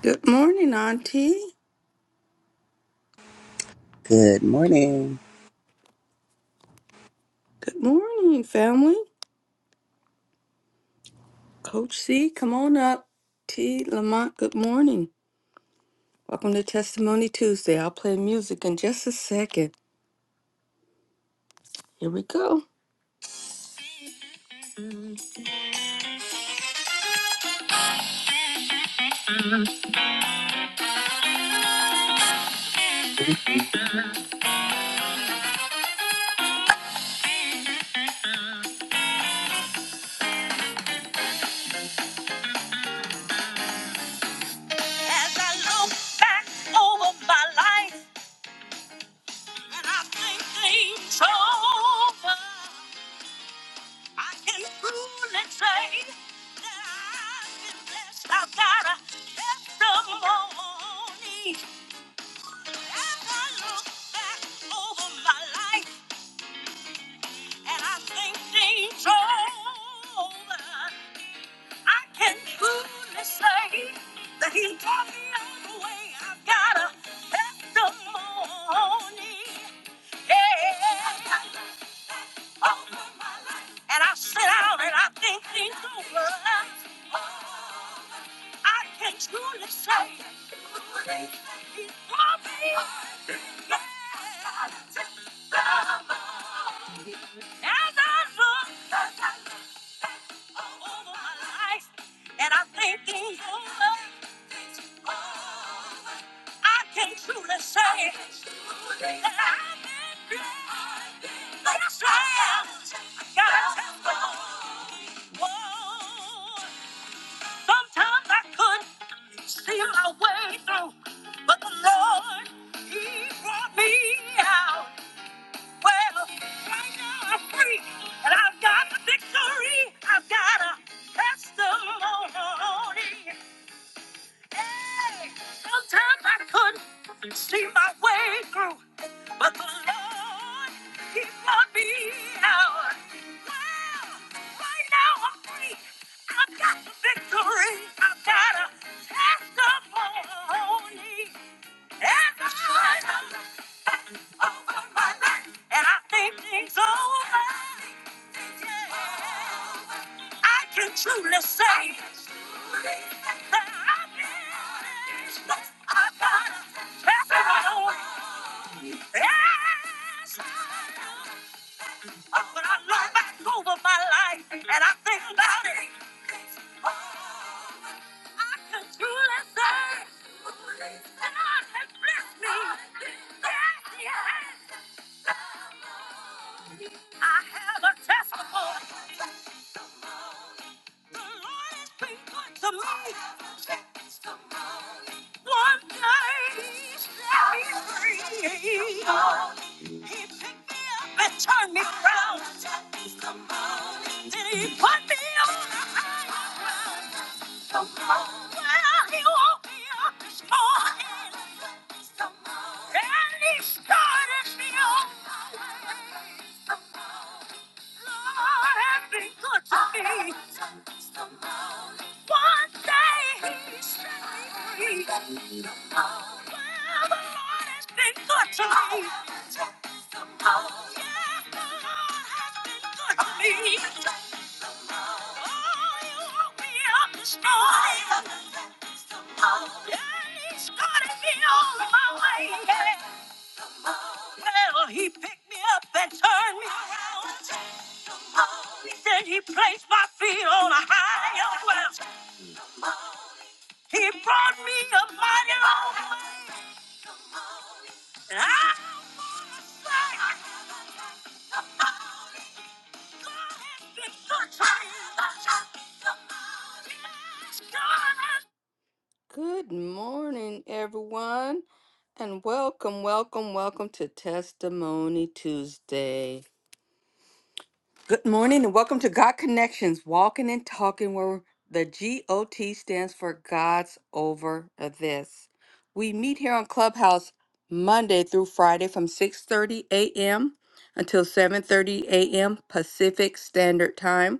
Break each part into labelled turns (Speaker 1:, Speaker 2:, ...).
Speaker 1: Good morning, Auntie.
Speaker 2: Good morning.
Speaker 1: Good morning, family. Coach C, come on up. T. Lamont, good morning. Welcome to Testimony Tuesday. I'll play music in just a second. Here we go. As I look back over my life and I think things over, I can truly say that I've been blessed. I've got a testimony. As I look back over my life. And I think things over. I can truly say that he brought me all the way. I've got a testimony. Yeah. Over my life. And I sit down and I think things over. I can truly say he brought me. Yeah. As I look. over my life, and I'm thanking you, Lord. I can truly say that I've been blessed. Yes, I am. God. gotta Whoa. Sometimes I couldn't see my way through, but the Lord, He brought me out. Well, right now I'm free, and I've got the victory. I've got a testimony. Hey, sometimes I couldn't see my way through, but the Lord, He brought me out. Well, right now I'm free. I've got the victory. I've got a testimony. Truly say that I've been, I've got, everyone. yes, I know. Oh, but I look back over my life and I think about it. Oh, I can truly say that God has blessed me. Yes, He has. I have a testimony. One day he me free. He picked me up and turned me around. he put me on a well. He woke me up and he started me on. Lord has been good to me. One day he set me free. Well, the Lord has been good to me. Oh, yeah, the Lord has been good to me. Oh, he woke me up this morning. Oh, Yeah, he started me on my way. Well, he picked me up and turned me around. Then he placed my feet on a higher ground. He brought me a mighty long way. And I wanna say I God has been so kind. God has- Good morning, everyone, and welcome, welcome, welcome to Testimony Tuesday. Good morning and welcome to God Connections, walking and talking where the GOT stands for God's over this. We meet here on Clubhouse Monday through Friday from 6:30 a.m. until 7:30 a.m. Pacific Standard Time.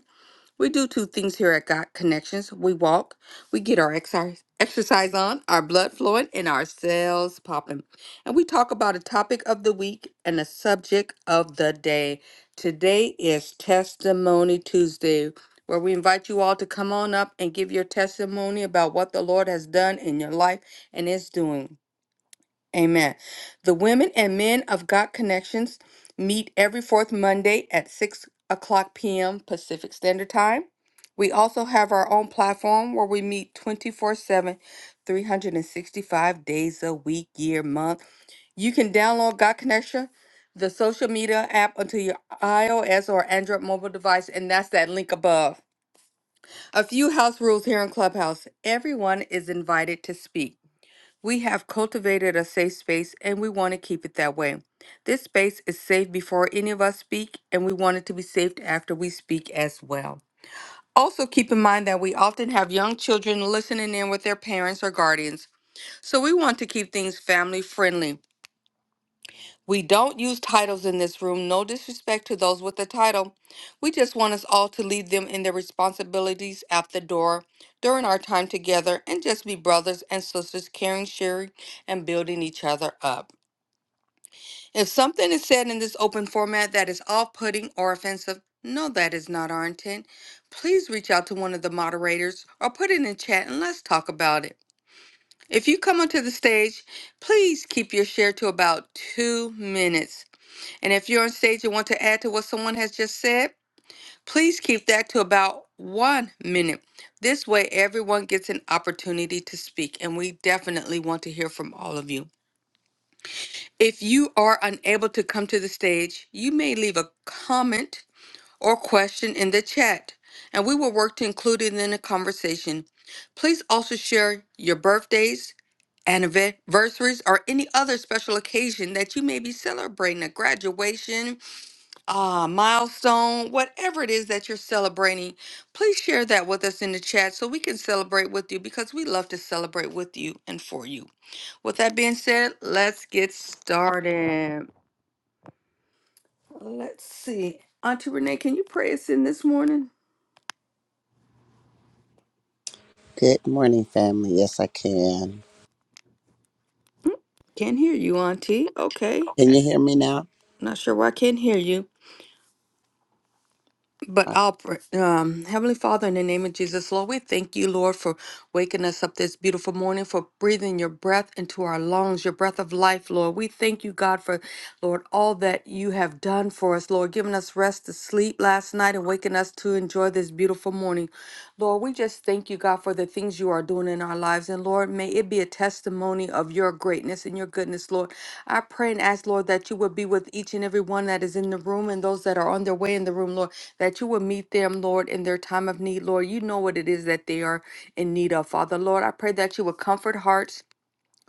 Speaker 1: We do two things here at God Connections. We walk, we get our exercise exercise on, our blood flowing, and our cells popping. And we talk about a topic of the week and a subject of the day. Today is Testimony Tuesday, where we invite you all to come on up and give your testimony about what the Lord has done in your life and is doing. Amen. The Women and Men of God Connections meet every fourth Monday at 6 o'clock p.m. Pacific Standard Time. We also have our own platform where we meet 24 7, 365 days a week, year, month. You can download God Connection, the social media app, onto your iOS or Android mobile device, and that's that link above. A few house rules here in Clubhouse everyone is invited to speak. We have cultivated a safe space and we want to keep it that way. This space is safe before any of us speak, and we want it to be safe after we speak as well. Also, keep in mind that we often have young children listening in with their parents or guardians, so we want to keep things family friendly. We don't use titles in this room. No disrespect to those with the title. We just want us all to leave them in their responsibilities at the door during our time together and just be brothers and sisters, caring, sharing, and building each other up. If something is said in this open format that is off putting or offensive, no, that is not our intent. Please reach out to one of the moderators or put it in chat and let's talk about it. If you come onto the stage, please keep your share to about two minutes and if you're on stage and want to add to what someone has just said, please keep that to about one minute. This way, everyone gets an opportunity to speak, and we definitely want to hear from all of you. If you are unable to come to the stage, you may leave a comment or question in the chat, and we will work to include it in the conversation. Please also share your birthdays, anniversaries, or any other special occasion that you may be celebrating a graduation uh, milestone, whatever it is that you're celebrating, please share that with us in the chat so we can celebrate with you because we love to celebrate with you and for you. With that being said, let's get started. Let's see. Auntie Renee, can you pray us in this morning?
Speaker 2: Good morning, family. Yes, I can.
Speaker 1: Can't hear you, Auntie. Okay.
Speaker 2: Can you hear me now?
Speaker 1: Not sure why I can't hear you. But
Speaker 2: Uh,
Speaker 1: I'll, pr- um, Heavenly Father, in the name of Jesus, Lord, we thank you, Lord, for waking us up this beautiful morning, for breathing your breath into our lungs, your breath of life, Lord. We thank you, God, for, Lord, all that you have done for us, Lord, giving us rest to sleep last night and waking us to enjoy this beautiful morning. Lord, we just thank thank you, God, for the things you are doing in our lives. And Lord, may it be a testimony of your greatness and your goodness, Lord. I pray and ask, Lord, that you would be with each and every one that is in the room and those that are on their way in the room, Lord, that you would meet them, Lord, in their time of need, Lord. You know what it is that they are in need of, Father. Lord, I pray that you would comfort hearts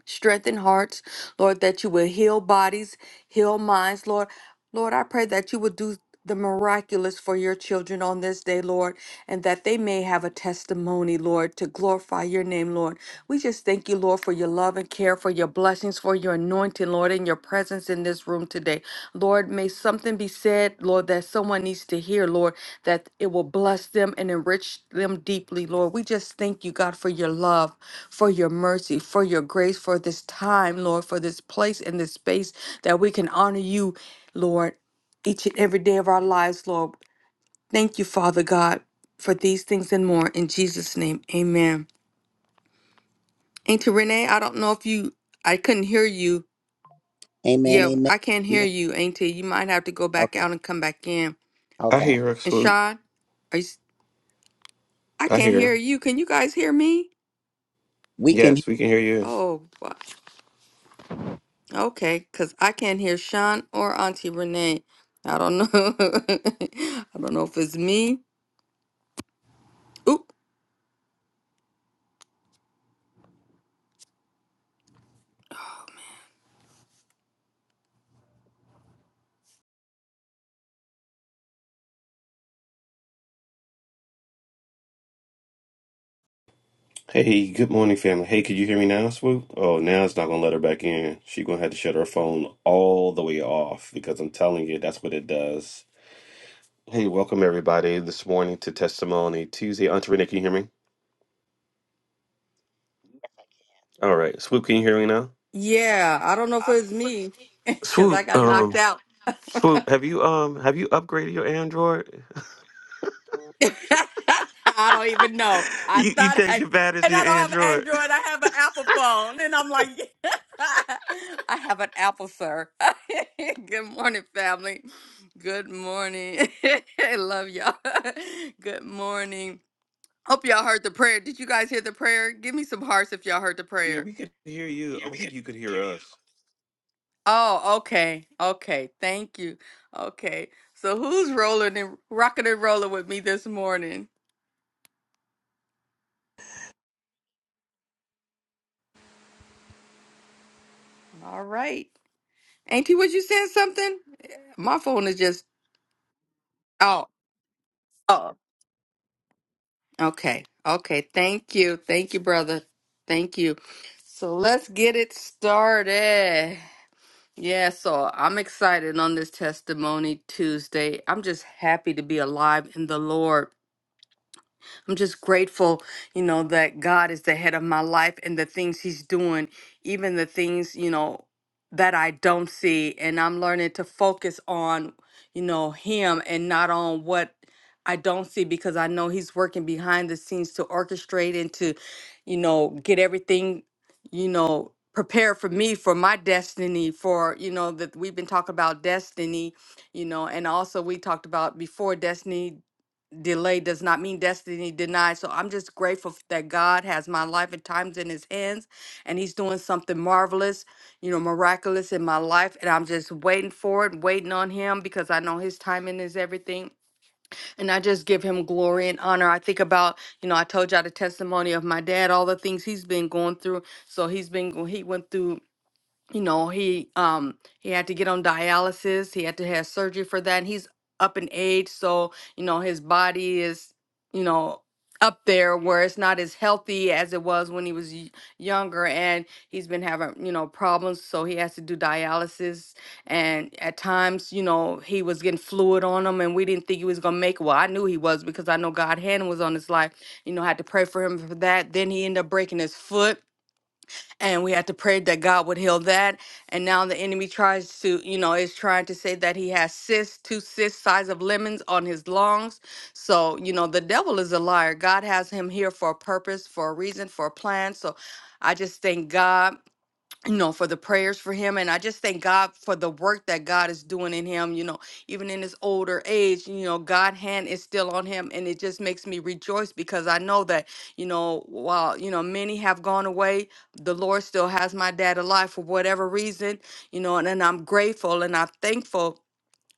Speaker 1: strengthen hearts, Lord, that you will heal bodies, heal minds, Lord. Lord, I pray that you would do the miraculous for your children on this day, Lord, and that they may have a testimony, Lord, to glorify your name, Lord. We just thank you, Lord, for your love and care, for your blessings, for your anointing, Lord. Lord, in your presence in this room today. Lord, may something be said, Lord, that someone needs to hear, Lord, that it will bless them and enrich them deeply, Lord. We just thank you, God, for your love, for your mercy, for your grace, for this time, Lord, for this place and this space that we can honor you, Lord, each and every day of our lives, Lord. Thank you, Father God, for these things and more. In Jesus' name, amen. Auntie Renee, I don't know if you, I couldn't hear you.
Speaker 2: amen.
Speaker 1: Yeah,
Speaker 2: Amen.
Speaker 1: I can't hear
Speaker 2: amen.
Speaker 1: you, Auntie. You might have to go back
Speaker 2: Okay.
Speaker 1: out and come back in.
Speaker 3: I
Speaker 2: Okay.
Speaker 3: hear her,
Speaker 1: And
Speaker 3: Swoop.
Speaker 1: Sean, are you, s- I
Speaker 3: I
Speaker 1: can't
Speaker 3: hear her.
Speaker 1: hear you. Can you guys hear me?
Speaker 2: We can.
Speaker 3: Yes,
Speaker 2: hear.
Speaker 3: we can hear you.
Speaker 1: Oh, wha- okay, because I can't hear Sean or Auntie Renee. I don't know. I don't know if it's me. Oop.
Speaker 3: Hey, good morning, family. Hey, could you hear me now, Swoop? Oh, now it's not gonna let her back in. She gonna have to shut her phone all the way off because I'm telling you, that's what it does. Hey, welcome everybody this morning to Testimony Tuesday. Aunt Renee, can you hear me? All right, Swoop, can you hear me now?
Speaker 1: Yeah, I don't know if it's me because I
Speaker 3: Swoop,
Speaker 1: got
Speaker 3: um,
Speaker 1: knocked out.
Speaker 3: Swoop, have you um, have you upgraded your Android?
Speaker 1: I don't even know. I
Speaker 3: you you
Speaker 1: thought
Speaker 3: changed
Speaker 1: I,
Speaker 3: your batteries
Speaker 1: and
Speaker 3: in
Speaker 1: I
Speaker 3: your
Speaker 1: don't have an
Speaker 3: Android.
Speaker 1: Android. I have an Apple phone, and I'm like, I have an Apple, sir. Good morning, family. Good morning. I love y'all. Good morning. Hope y'all heard the prayer. Did you guys hear the prayer? Give me some hearts if y'all heard the
Speaker 3: Yeah,
Speaker 1: prayer.
Speaker 3: we could hear you. I
Speaker 1: Yeah,
Speaker 3: don't
Speaker 1: we
Speaker 3: think
Speaker 1: could
Speaker 3: you could
Speaker 1: hear
Speaker 3: hear
Speaker 1: you.
Speaker 3: us.
Speaker 1: Oh, okay. Okay. Thank you. Okay. So who's rolling and rocking and rolling with me this morning? All right. Auntie, was you saying something? My phone is just oh oh. Okay, okay. Thank you, thank you, brother. Thank you. So let's get it started. Yeah, so I'm excited on this testimony Tuesday. I'm just happy to be alive in the Lord. I'm just grateful, you know, that God is the head of my life and the things He's doing, even the things, you know, that I don't see. And I'm learning to focus on, you know, Him and not on what I don't see because I know He's working behind the scenes to orchestrate and to, you know, get everything, you know, prepared for me for my destiny for you know that we've been talking about destiny you know and also we talked about before destiny delay does not mean destiny denied. So I'm just grateful f- that God has my life at times in his hands and he's doing something marvelous, you know, miraculous in my life. And I'm just waiting for it, waiting on him because I know his timing is everything. And I just give him glory and honor. I think about, you know, I told y'all the testimony of my dad, all the things he's been going through. So he's been, go- he went through you know he um he had to get on dialysis he had to have surgery for that and he's up in age so you know his body is you know up there where it's not as healthy as it was when he was y- younger and he's been having you know problems so he has to do dialysis and at times you know he was getting fluid on him and we didn't think he was gonna make it. well i knew he was because i know god hand was on his life you know i had to pray for him for that then he ended up breaking his foot and we had to pray that God would heal that. And now the enemy tries to, you know, is trying to say that he has cysts, two cysts size of lemons on his lungs. So, you know, the devil is a liar. God has him here for a purpose, for a reason, for a plan. So I just thank God you know, for the prayers for him. And I just thank God for the work that God is doing in him, you know, even in his older age, you know, God's hand is still on him. And it just makes me rejoice because I know that, you know, while, you know, many have gone away, the Lord still has my dad alive for whatever reason, you know, and, and I'm grateful and I'm thankful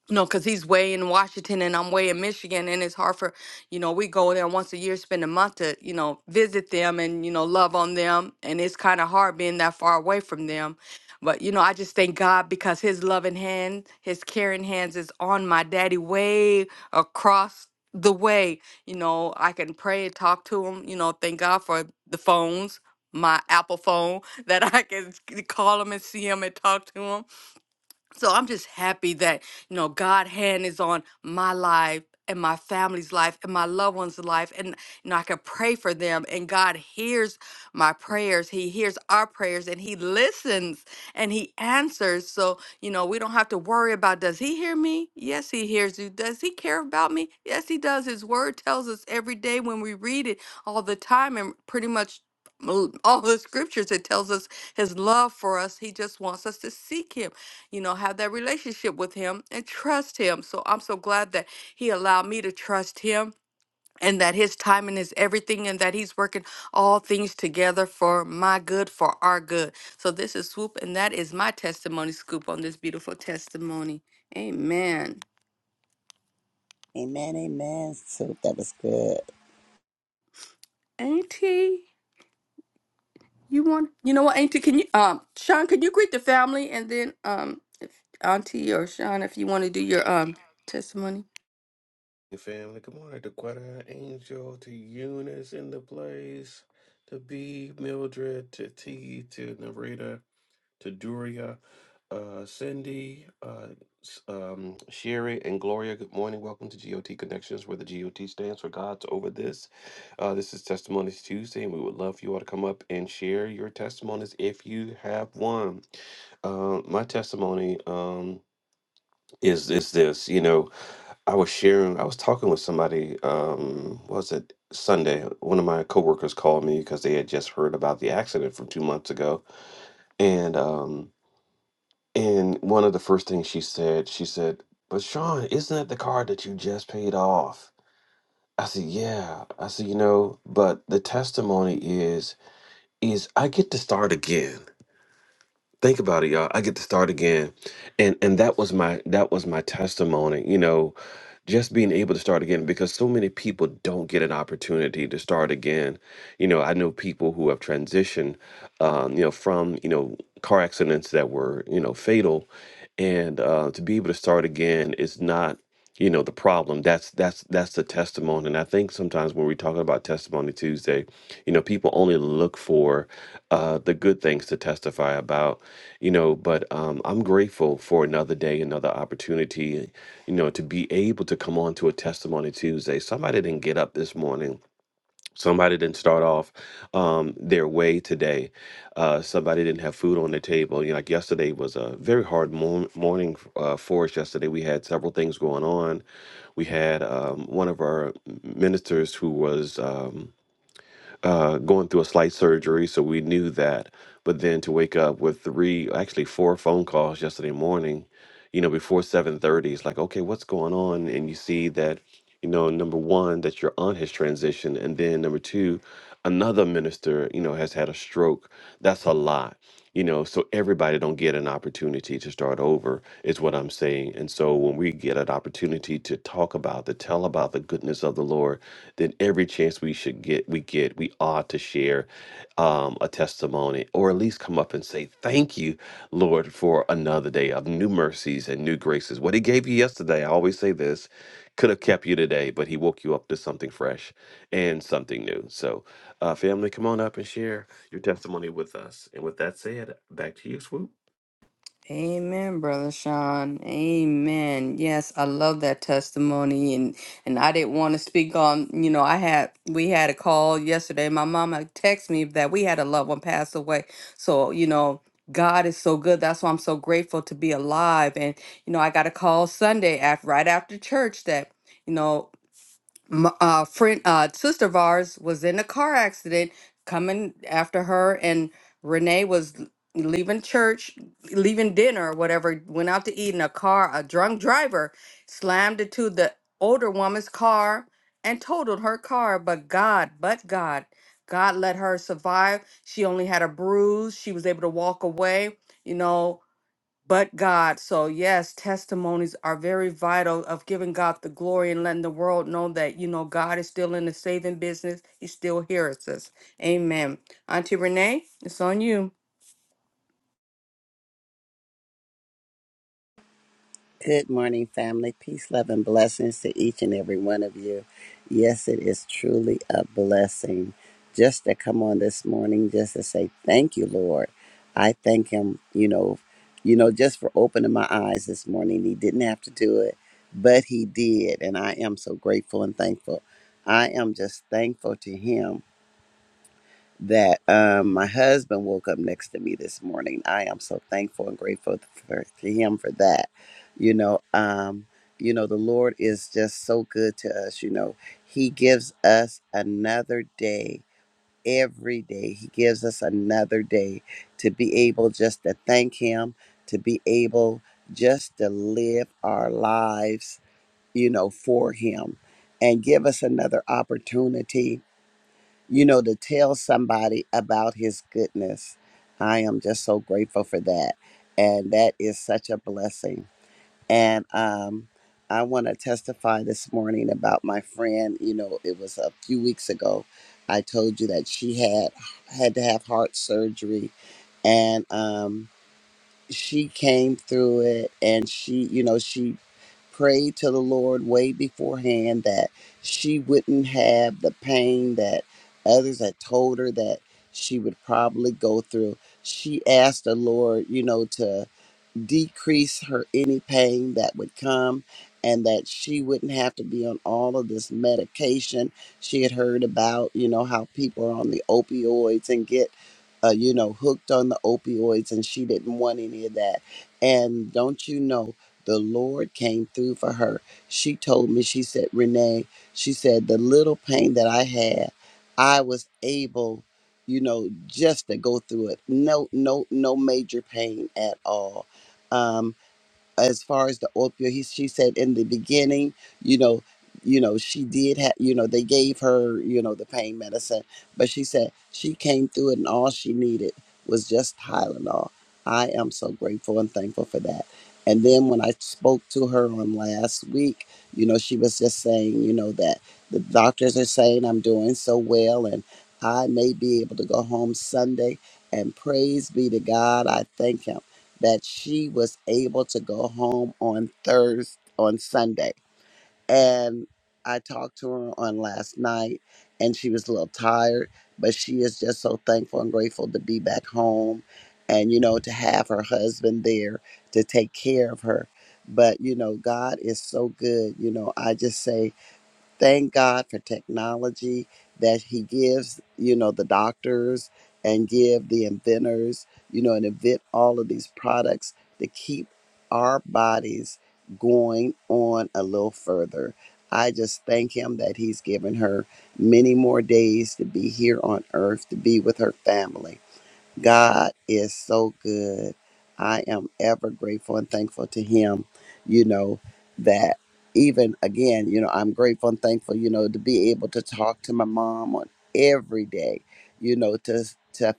Speaker 1: no, because he's way in Washington and I'm way in Michigan, and it's hard for, you know, we go there once a year, spend a month to, you know, visit them and, you know, love on them. And it's kind of hard being that far away from them. But, you know, I just thank God because his loving hand, his caring hands is on my daddy way across the way. You know, I can pray and talk to him, you know, thank God for the phones, my Apple phone, that I can call him and see him and talk to him so I'm just happy that, you know, God hand is on my life and my family's life and my loved ones' life. And you know, I can pray for them. And God hears my prayers. He hears our prayers and he listens and he answers. So, you know, we don't have to worry about does he hear me? Yes, he hears you. Does he care about me? Yes, he does. His word tells us every day when we read it all the time and pretty much all the scriptures it tells us his love for us he just wants us to seek him you know, have that relationship with him and trust him. So I'm so glad that he allowed me to trust him and that his timing is everything and that he's working all things together for my good, for our good. So this is Swoop, and that is my testimony scoop on this beautiful testimony. Amen.
Speaker 2: Amen. Amen. So that was good.
Speaker 1: Auntie, you want you know what, Auntie, can you um Sean, can you greet the family and then um Auntie or Sean if you want to do your um testimony?
Speaker 3: Hey, family, good morning to Quetta Angel, to Eunice in the place, to B, Mildred, to T, to Narita, to Duria, uh, Cindy, uh, s- um, Sherry, and Gloria. Good morning. Welcome to GOT Connections, where the GOT stands for God's Over This. Uh, this is Testimonies Tuesday, and we would love for you all to come up and share your testimonies if you have one. Uh, my testimony. Um, is is this you know i was sharing i was talking with somebody um what was it sunday one of my coworkers called me because they had just heard about the accident from two months ago and um and one of the first things she said she said but sean isn't that the card that you just paid off i said yeah i said you know but the testimony is is i get to start again think about it y'all i get to start again and and that was my that was my testimony you know just being able to start again because so many people don't get an opportunity to start again you know i know people who have transitioned um, you know from you know car accidents that were you know fatal and uh, to be able to start again is not you know the problem that's that's that's the testimony and i think sometimes when we talk about testimony tuesday you know people only look for uh, the good things to testify about you know but um, i'm grateful for another day another opportunity you know to be able to come on to a testimony tuesday somebody didn't get up this morning somebody didn't start off um, their way today uh, somebody didn't have food on the table you know like yesterday was a very hard mor- morning uh, for us yesterday we had several things going on we had um, one of our ministers who was um, uh, going through a slight surgery, so we knew that. But then to wake up with three, actually four phone calls yesterday morning, you know, before seven thirty, it's like, okay, what's going on? And you see that, you know, number one, that your aunt has transitioned, and then number two, another minister, you know, has had a stroke. That's a lot. You know, so everybody don't get an opportunity to start over is what I'm saying. And so when we get an opportunity to talk about, to tell about the goodness of the Lord, then every chance we should get we get we ought to share um, a testimony or at least come up and say thank you lord for another day of new mercies and new graces what he gave you yesterday i always say this could have kept you today but he woke you up to something fresh and something new so uh, family come on up and share your testimony with us and with that said back to you swoop
Speaker 1: Amen, Brother Sean. Amen. Yes, I love that testimony and and I didn't want to speak on, you know, I had we had a call yesterday. My mama texted me that we had a loved one pass away. So, you know, God is so good. That's why I'm so grateful to be alive. And, you know, I got a call Sunday after right after church that, you know, m- uh, friend, uh, sister of ours was in a car accident coming after her, and Renee was l- leaving church, leaving dinner or whatever, went out to eat in a car. A drunk driver slammed into the older woman's car and totaled her car. But God, but God, God let her survive. She only had a bruise. She was able to walk away. You know, but God. So, yes, testimonies are very vital of giving God the glory and letting the world know that, you know, God is still in the saving business. He still hears us. Amen. Auntie Renee, it's on you.
Speaker 2: Good morning, family. Peace, love, and blessings to each and every one of you. Yes, it is truly a blessing just to come on this morning, just to say thank you, Lord. I thank Him, you know, you know, just for opening my eyes this morning. He didn't have to do it, but He did, and I am so grateful and thankful. I am just thankful to Him that um, my husband woke up next to me this morning. I am so thankful and grateful for, to him for that. You know, um, you know, the Lord is just so good to us. You know, He gives us another day. Every day, He gives us another day to be able just to thank Him, to be able just to live our lives, you know, for Him and give us another opportunity you know, to tell somebody about his goodness. I am just so grateful for that. And that is such a blessing. And um, I want to testify this morning about my friend. You know, it was a few weeks ago. I told you that she had had to have heart surgery and um, she came through it and she, you know, she prayed to the Lord way beforehand that she wouldn't have the pain that others had told her that she would probably go through. She asked the Lord, you know, to decrease her any pain that would come and that she wouldn't have to be on all of this medication she had heard about you know how people are on the opioids and get uh, you know hooked on the opioids and she didn't want any of that and don't you know the lord came through for her she told me she said renee she said the little pain that i had i was able you know just to go through it no no no major pain at all um, as far as the opioid, he, she said in the beginning, you know, you know, she did have, you know, they gave her, you know, the pain medicine, but she said she came through it and all she needed was just Tylenol. I am so grateful and thankful for that. And then when I spoke to her on last week, you know, she was just saying, you know, that the doctors are saying I'm doing so well and I may be able to go home Sunday. And praise be to God, I thank Him that she was able to go home on Thursday on Sunday. And I talked to her on last night and she was a little tired, but she is just so thankful and grateful to be back home and you know to have her husband there to take care of her. But you know, God is so good. You know, I just say thank God for technology that He gives, you know, the doctors and give the inventors, you know, and invent all of these products to keep our bodies going on a little further. I just thank Him that He's given her many more days to be here on earth, to be with her family God is so good. I am ever grateful and thankful to Him, you know, that even again, you know, I'm grateful and thankful, you know, to be able to talk to my mom on every day, you know, to, to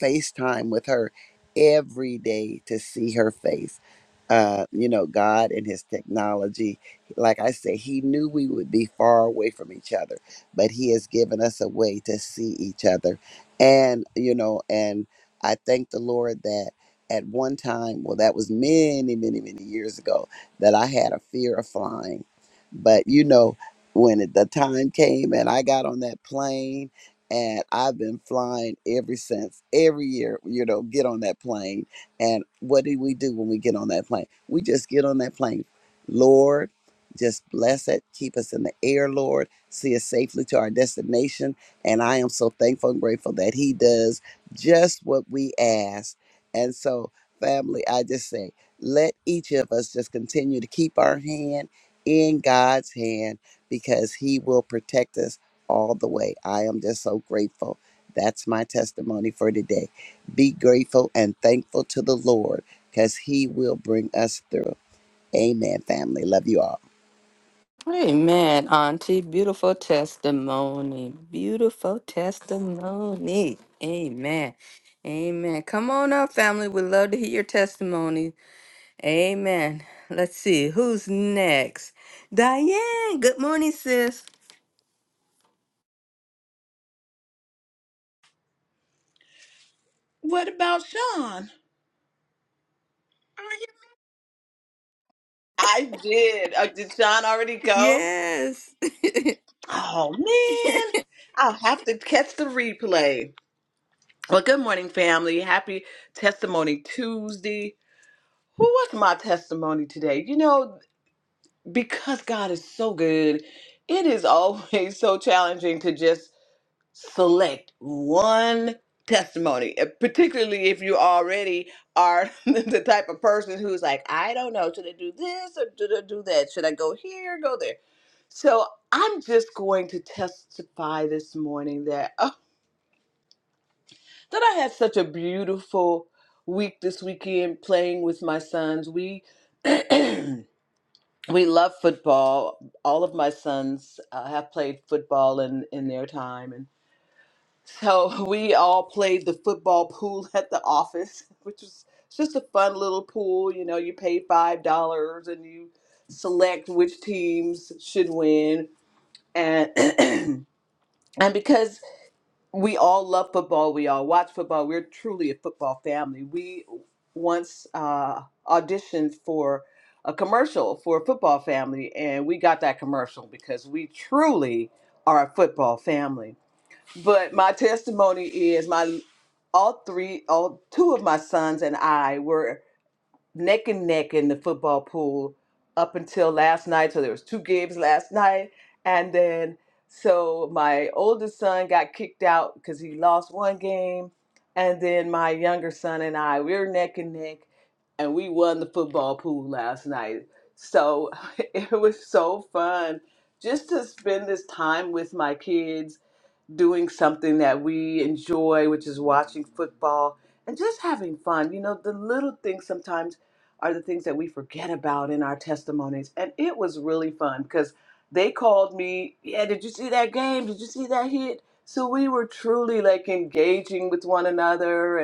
Speaker 2: FaceTime with her every day to see her face. Uh, you know, God and his technology. Like I said, he knew we would be far away from each other, but he has given us a way to see each other. And, you know, and I thank the Lord that at one time, well, that was many, many, many years ago, that I had a fear of flying. But, you know, when it, the time came and I got on that plane, and I've been flying ever since. Every year, you know, get on that plane. And what do we do when we get on that plane? We just get on that plane. Lord, just bless it. Keep us in the air, Lord. See us safely to our destination. And I am so thankful and grateful that He does just what we ask. And so, family, I just say, let each of us just continue to keep our hand in God's hand because He will protect us all the way. I am just so grateful. That's my testimony for today. Be grateful and thankful to the Lord because He will bring us through. Amen, family. Love you all.
Speaker 1: Amen, Auntie. Beautiful testimony. Beautiful testimony. Amen. Amen. Come on up, family. We'd love to hear your testimony. Amen. Let's see who's next. Diane. Good morning, sis.
Speaker 4: What about Sean? I did. Uh, did Sean already go?
Speaker 1: Yes.
Speaker 4: Oh man, I'll have to catch the replay. Well, good morning, family. Happy Testimony Tuesday. Who was my testimony today? You know, because God is so good, it is always so challenging to just select one testimony, uh, particularly if you already are the type of person who's like, I don't know, should I do this or should I do that? Should I go here or go there? So I'm just going to testify this morning that oh, that I had such a beautiful week this weekend playing with my sons. We we love football. All of my sons uh, have played football in in their time, So we all played the football pool at the office, which was it's just a fun little pool. You know, you pay five dollars and you select which teams should win. And and because we all love football, we all watch football. We're truly a football family. We once uh, auditioned for a commercial for a football family, and we got that commercial because we truly are a football family. But my testimony is my all three, all two of my sons and I were neck and neck in the football pool up until last night. So there was two games last night, and then so my oldest son got kicked out because he lost one game, and then my younger son and I we were neck and neck, and we won the football pool last night. So it was so fun just to spend this time with my kids doing something that we enjoy, which is watching football and just having fun. You know, the little things sometimes are the things that we forget about in our testimonies. And it was really fun because they called me, Yeah, did you see that game? Did you see that hit? So we were truly like engaging with one another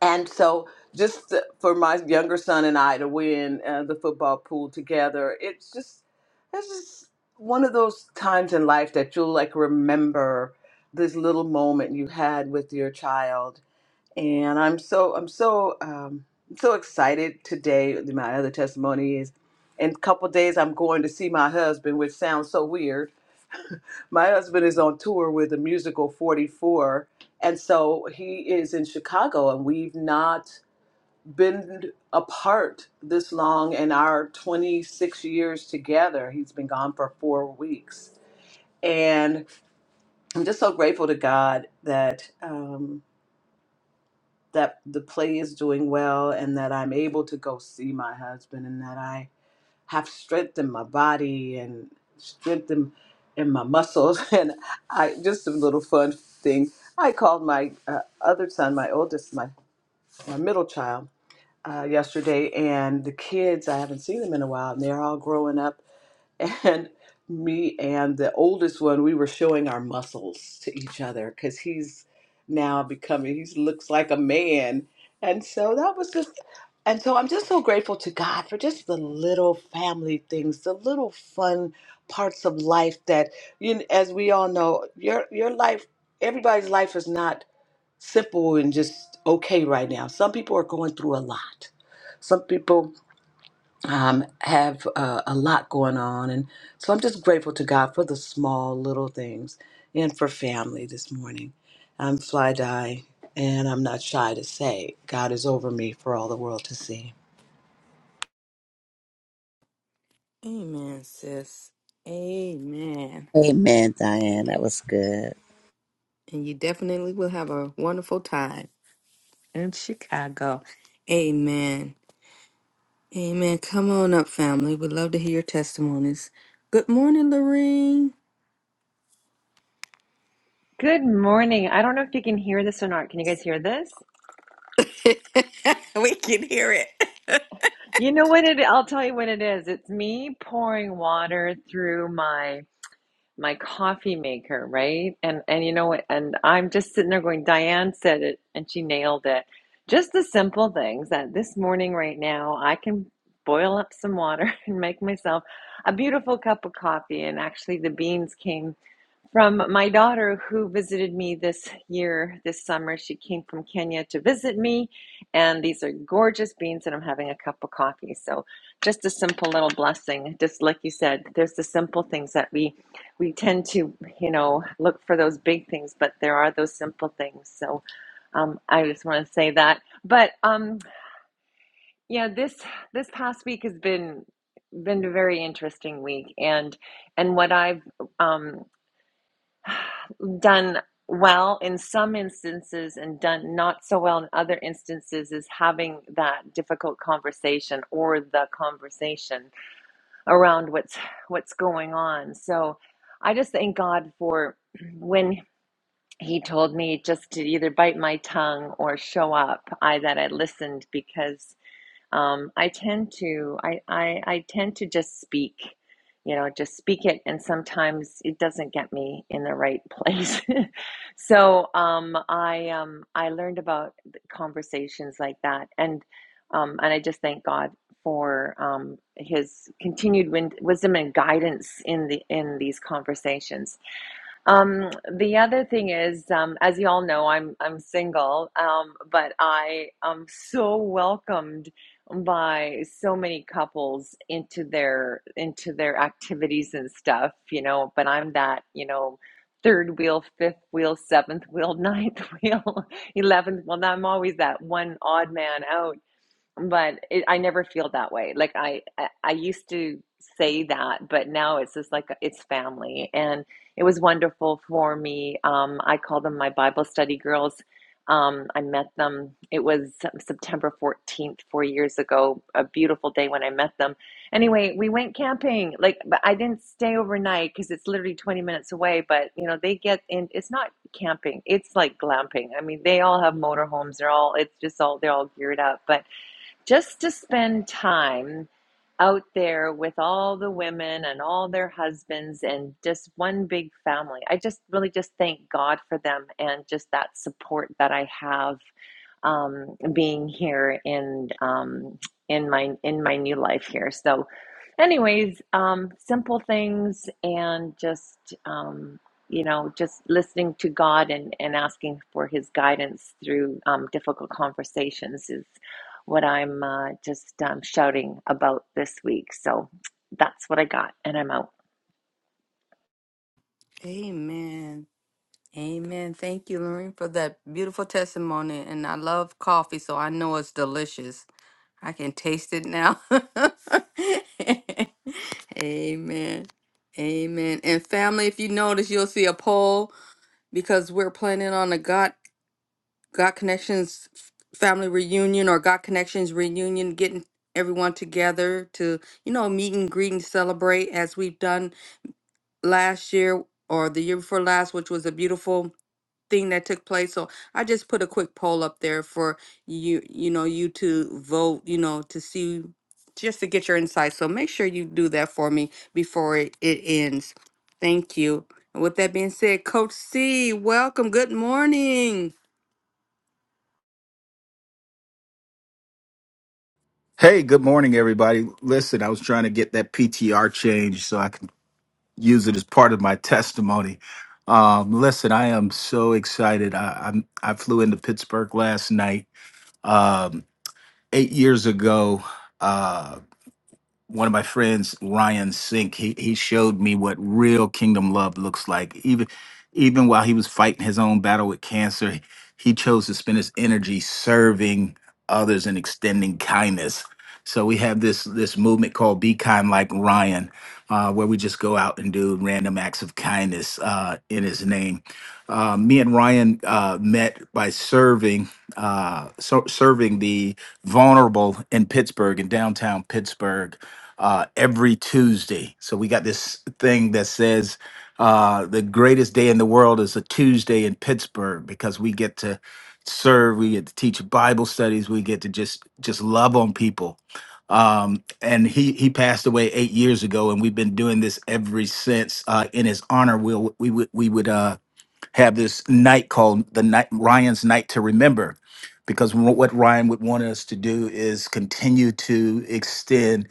Speaker 4: and so just th- for my younger son and I to win uh, the football pool together, it's just it's just one of those times in life that you'll like remember this little moment you had with your child. And I'm so I'm so um, so excited today. My other testimony is. In a couple days, I'm going to see my husband, which sounds so weird. My husband is on tour with the musical 44, and so he is in Chicago, and we've not been apart this long in our 26 years together. He's been gone for four weeks. And I'm just so grateful to God that um, that the play is doing well and that I'm able to go see my husband and that I have strength in my body and strength in, in my muscles. And I just a little fun thing. I called my uh, other son, my oldest, my, my middle child uh, yesterday, and the kids, I haven't seen them in a while, and they're all growing up. And me and the oldest one, we were showing our muscles to each other because he's now becoming, he looks like a man. And so that was just, and so I'm just so grateful to God for just the little family things, the little fun parts of life that, you know, as we all know, your your life, everybody's life is not simple and just okay right now. Some people are going through a lot some people um, have uh, a lot going on. And so I'm just grateful to God for the small little things and for family this morning. I'm fly die, and I'm not shy to say God is over me for all the world to see.
Speaker 1: Amen, sis. Amen.
Speaker 2: Amen, Diane. That was good.
Speaker 1: And you definitely will have a wonderful time in Chicago. Amen. Amen. Come on up, family. We'd love to hear your testimonies. Good morning, Lorene.
Speaker 5: Good morning. I don't know if you can hear this or not. Can you guys hear this?
Speaker 1: we can hear it.
Speaker 5: You know what it, I'll tell you what it is. It's me pouring water through my my coffee maker, right? And and you know what? And I'm just sitting there going, Diane said it and she nailed it. Just the simple things that this morning right now I can boil up some water and make myself a beautiful cup of coffee. And actually the beans came from my daughter who visited me this year, this summer. She came from Kenya to visit me, and these are gorgeous beans, and I'm having a cup of coffee. So, just a simple little blessing. Just like you said, there's the simple things that we we tend to, you know, look for those big things, but there are those simple things. So, um, I just want to say that. But um, yeah, this this past week has been been a very interesting week, and and what I've um, done well in some instances and done not so well in other instances is having that difficult conversation or the conversation around what's what's going on so i just thank god for when he told me just to either bite my tongue or show up i that i listened because um, I tend to I, I I tend to just speak, you know, just speak it, and sometimes it doesn't get me in the right place. so um, I um, I learned about conversations like that, and um, and I just thank God for um, His continued wisdom and guidance in the in these conversations um, the other thing is, um, as you all know, I'm I'm single, um, but I am so welcomed by so many couples into their into their activities and stuff, you know. But I'm that, you know, third wheel, fifth wheel, seventh wheel, ninth wheel, eleventh. Well, I'm always that one odd man out but it, I never feel that way. Like I, I, I used to say that, but now it's just like it's family, and it was wonderful for me. Um, I call them my Bible study girls. Um, I met them. It was September fourteenth, four years ago. A beautiful day when I met them. Anyway, we went camping. Like, but I didn't stay overnight because it's literally twenty minutes away. But you know, they get in. It's not camping. It's like glamping. I mean, they all have motorhomes. They're all. It's just all. They're all geared up, but just to spend time out there with all the women and all their husbands and just one big family. I just really just thank God for them and just that support that I have um, being here in um, in my in my new life here. So, anyways, um, simple things and just um, you know just listening to God and and asking for His guidance through um, difficult conversations is what I'm uh, just um, shouting about this week. So that's what I got, and I'm out.
Speaker 1: Amen. Amen. Thank you, Lorene, for that beautiful testimony. And I love coffee, so I know it's delicious. I can taste it now. Amen. Amen. And family, if you notice, you'll see a poll because we're planning on a God God Connections family reunion or God Connections reunion, getting everyone together to, you know, meet and greet and celebrate as we've done last year or the year before last, which was a beautiful thing that took place. So I just put a quick poll up there for you, you know, you to vote, you know, to see just to get your insights. So make sure you do that for me before it, it ends. Thank you. And with that being said, Coach C, welcome. Good morning.
Speaker 6: Hey, good morning, everybody. Listen, I was trying to get that PTR change so I can use it as part of my testimony. Um, listen, I am so excited. I, I'm I flew into Pittsburgh last night. Um, eight years ago, uh, one of my friends, Ryan Sink, he, he showed me what real kingdom love looks like. Even even while he was fighting his own battle with cancer, he chose to spend his energy serving others and extending kindness. So we have this this movement called Be Kind Like Ryan, uh, where we just go out and do random acts of kindness uh, in his name. Uh, me and Ryan uh, met by serving uh, so, serving the vulnerable in Pittsburgh, in downtown Pittsburgh uh, every Tuesday. So we got this thing that says uh, the greatest day in the world is a Tuesday in Pittsburgh because we get to serve, we get to teach Bible studies, we get to just just love on people. Um, and he he passed away eight years ago, and we've been doing this every since. Uh, in his honor, we'll, we would we would uh, have this night called the night Ryan's Night to Remember, because wh- what Ryan would want us to do is continue to extend,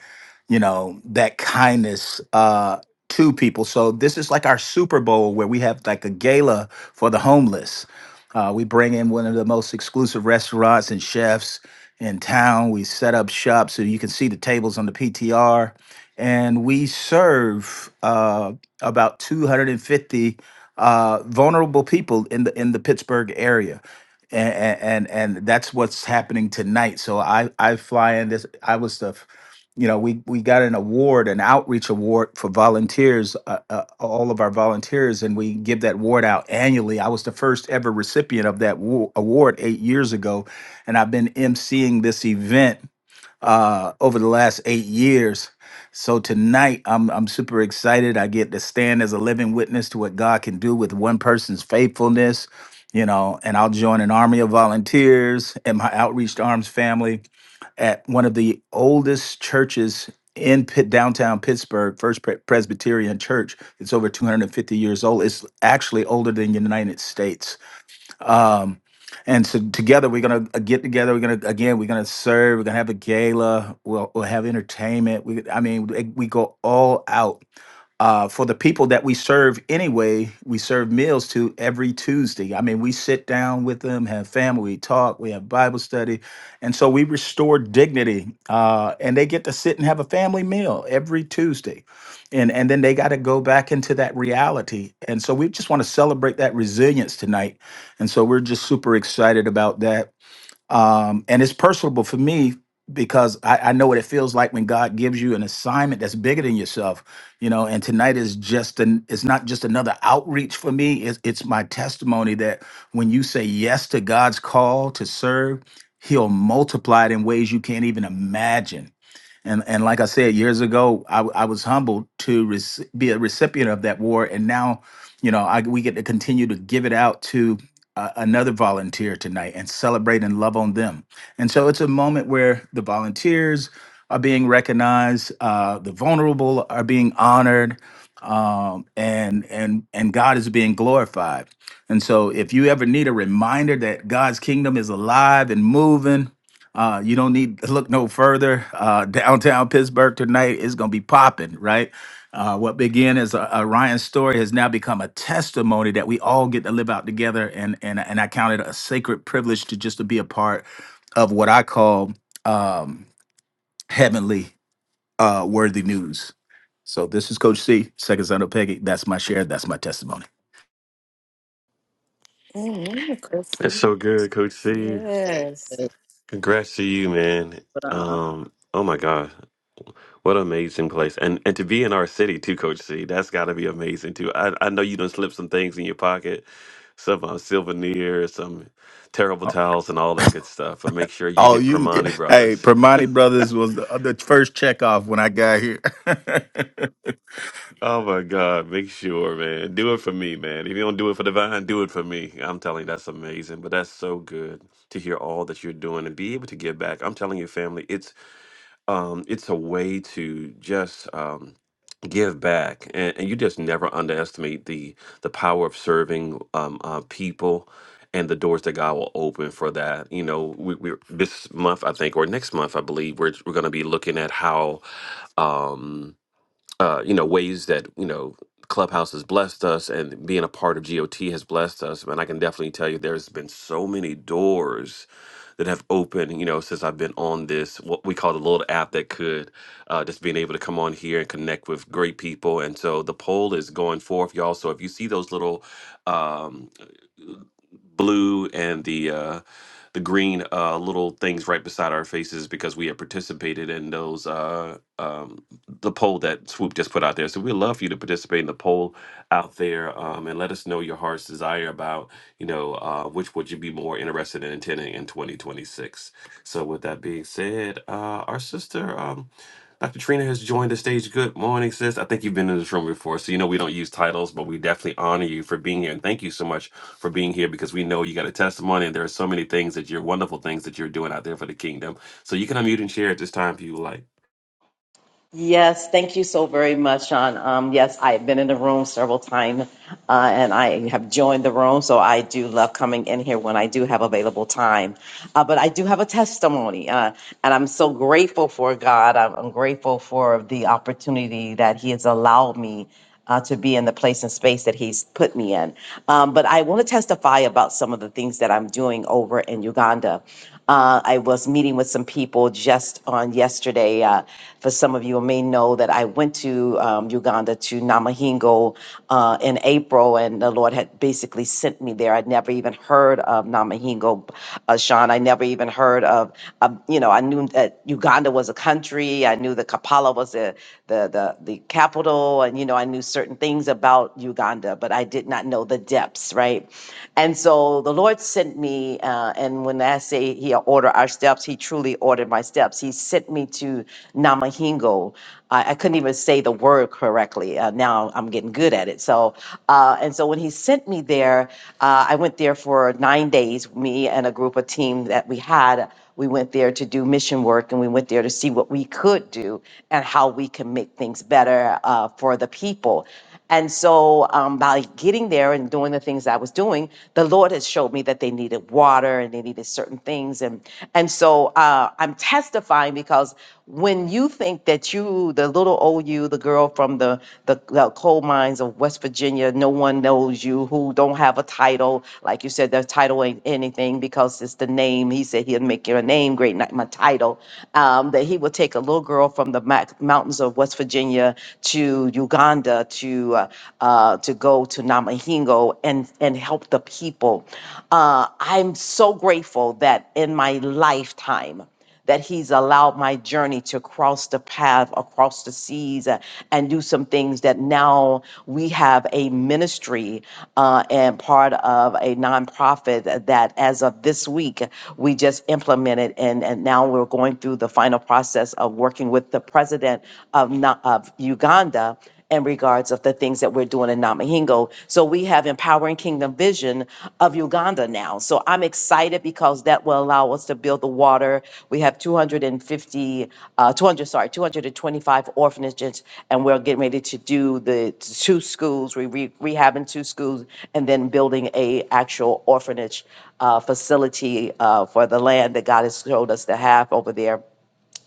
Speaker 6: you know, that kindness uh, to people. So this is like our Super Bowl where we have like a gala for the homeless. Uh, we bring in one of the most exclusive restaurants and chefs in town. We set up shop so you can see the tables on the PTR, and we serve uh, about 250 uh, vulnerable people in the in the Pittsburgh area, and and and that's what's happening tonight. So I I fly in this. I was the, f- you know, we we got an award, an outreach award for volunteers, uh, uh, all of our volunteers, and we give that award out annually. I was the first ever recipient of that wa- award eight years ago, and I've been emceeing this event uh, over the last eight years. So tonight, I'm I'm super excited. I get to stand as a living witness to what God can do with one person's faithfulness, you know. And I'll join an army of volunteers and my outreach to arms family at one of the oldest churches in Pitt, downtown Pittsburgh, First Pre- Presbyterian Church. It's over 250 years old. It's actually older than the United States. Um, and so together we're gonna uh, get together. We're gonna again. We're gonna serve. We're gonna have a gala. We'll we'll have entertainment. We I mean we go all out uh, for the people that we serve anyway, we serve meals to every Tuesday. I mean, we sit down with them, have family, we talk, we have Bible study. And so we restore dignity. Uh, and they get to sit and have a family meal every Tuesday. And, and then they got to go back into that reality. And so we just want to celebrate that resilience tonight. And so we're just super excited about that um, and it's personable for me because I, I know what it feels like when God gives you an assignment that's bigger than yourself, you know. And tonight is just an it's not just another outreach for me. It's, it's my testimony that when you say yes to God's call to serve, He'll multiply it in ways you can't even imagine. And and like I said years ago, I, w- I was humbled to rec- be a recipient of that award, and now, you know, I, we get to continue to give it out to uh, another volunteer tonight and celebrate and love on them. And so it's a moment where the volunteers are being recognized, uh, the vulnerable are being honored, um, and and and God is being glorified. And so, if you ever need a reminder that God's kingdom is alive and moving, uh, you don't need to look no further. Uh, downtown Pittsburgh tonight is going to be popping, right? Uh, what began as a, a Ryan story has now become a testimony that we all get to live out together, and and and I count it a sacred privilege to just to be a part of what I call um, heavenly uh, worthy news. So this is Coach C, second son of Peggy. That's my share. That's my testimony.
Speaker 1: Amen,
Speaker 3: that's so
Speaker 1: Chrissy.
Speaker 3: good coach c
Speaker 1: Yes.
Speaker 2: Yes,
Speaker 3: congrats to you man
Speaker 2: what
Speaker 3: um oh my god What an amazing place. And and to be in our city too, Coach C, that's gotta be amazing too. I, I know you done slipped some things in your pocket, some uh, souvenirs, some terrible towels and all that good stuff. But make sure you
Speaker 6: Oh,
Speaker 3: hit
Speaker 6: you!
Speaker 3: Primani
Speaker 6: Hey,
Speaker 3: Brothers.
Speaker 6: Permani Brothers was the, the first check off when I got here.
Speaker 3: Oh my God, make sure, man. Do it for me, man. If you don't do it for Divine, do it for me. I'm telling you, that's amazing. But that's so good to hear all that you're doing and be able to give back. I'm telling you, family, it's um, it's a way to just um, give back, and, and you just never underestimate the the power of serving um, uh, people and the doors that God will open for that. You know, we, we're this month, I think, or next month, I believe, we're we're going to be looking at how. Um, uh, you know, ways that, you know, Clubhouse has blessed us and being a part of GOT has blessed us. And I can definitely tell you there's been so many doors that have opened, you know, since I've been on this, what we call the little app that could, uh, just being able to come on here and connect with great people. And so the poll is going forth, y'all. So if you see those little um, blue and the, uh, the green uh, little things right beside our faces because we have participated in those. Uh, um, the poll that Swoop just put out there. So we'd love for you to participate in the poll out there um, and let us know your heart's desire about, you know, uh, which would you be more interested in attending in 2026. So with that being said, uh, our sister, um, Dr. Trina has joined the stage. Good morning, sis. I think you've been in this room before, so you know we don't use titles, but we definitely honor you for being here. And thank you so much for being here because we know you got a testimony and there are so many things that you're wonderful things that you're doing out there for the kingdom. So you can unmute and share at this time if you would like.
Speaker 7: Yes, thank you so very much, Sean. Um, yes, I have been in the room several times uh, and I have joined the room, so I do love coming in here when I do have available time. Uh, but I do have a testimony, uh, and I'm so grateful for God. I'm, I'm grateful for the opportunity that He has allowed me. Uh, to be in the place and space that he's put me in. Um, but I want to testify about some of the things that I'm doing over in Uganda. Uh, I was meeting with some people just on yesterday. Uh, for some of you may know that I went to um, Uganda to Namahingo uh, in April, and the Lord had basically sent me there. I'd never even heard of Namahingo, uh, Sean. I never even heard of, um, you know, I knew that Uganda was a country. I knew that Kampala was the, the the the capital, and you know, I knew certain things about Uganda, but I did not know the depths, right? And so the the Lord sent me, uh, and when I say He ordered our steps, He truly ordered my steps. He sent me to Namahingo. I, I couldn't even say the word correctly. Uh, now I'm getting good at it. So, uh, and so when He sent me there, uh, I went there for nine days. Me and a group of team that we had, we went there to do mission work, and we went there to see what we could do and how we can make things better uh, for the people. And so um, by getting there and doing the things I was doing, the Lord has showed me that they needed water and they needed certain things. And and so uh, I'm testifying because when you think that you, the little old you, the girl from the, the the coal mines of West Virginia, no one knows you, who don't have a title, like you said, their title ain't anything because it's the name. He said he'll make your name great, not my title. Um, that he would take a little girl from the mac- mountains of West Virginia Kenya to Uganda to uh, uh, to go to Namahingo and and help the people. Uh, I'm so grateful that in my lifetime that he's allowed my journey to cross the path across the seas uh, and do some things that now we have a ministry uh, and part of a nonprofit that as of this week we just implemented and, and now we're going through the final process of working with the the president of, Na- of Uganda in regards of the things that we're doing in Namahingo. So we have Empowering Kingdom Vision of Uganda now. So I'm excited because that will allow us to build the water. We have 250, uh, 200, sorry, 225 orphanages, and we're getting ready to do the two schools. We re- rehabbing two schools and then building a actual orphanage uh, facility uh, for the land that God has showed us to have over there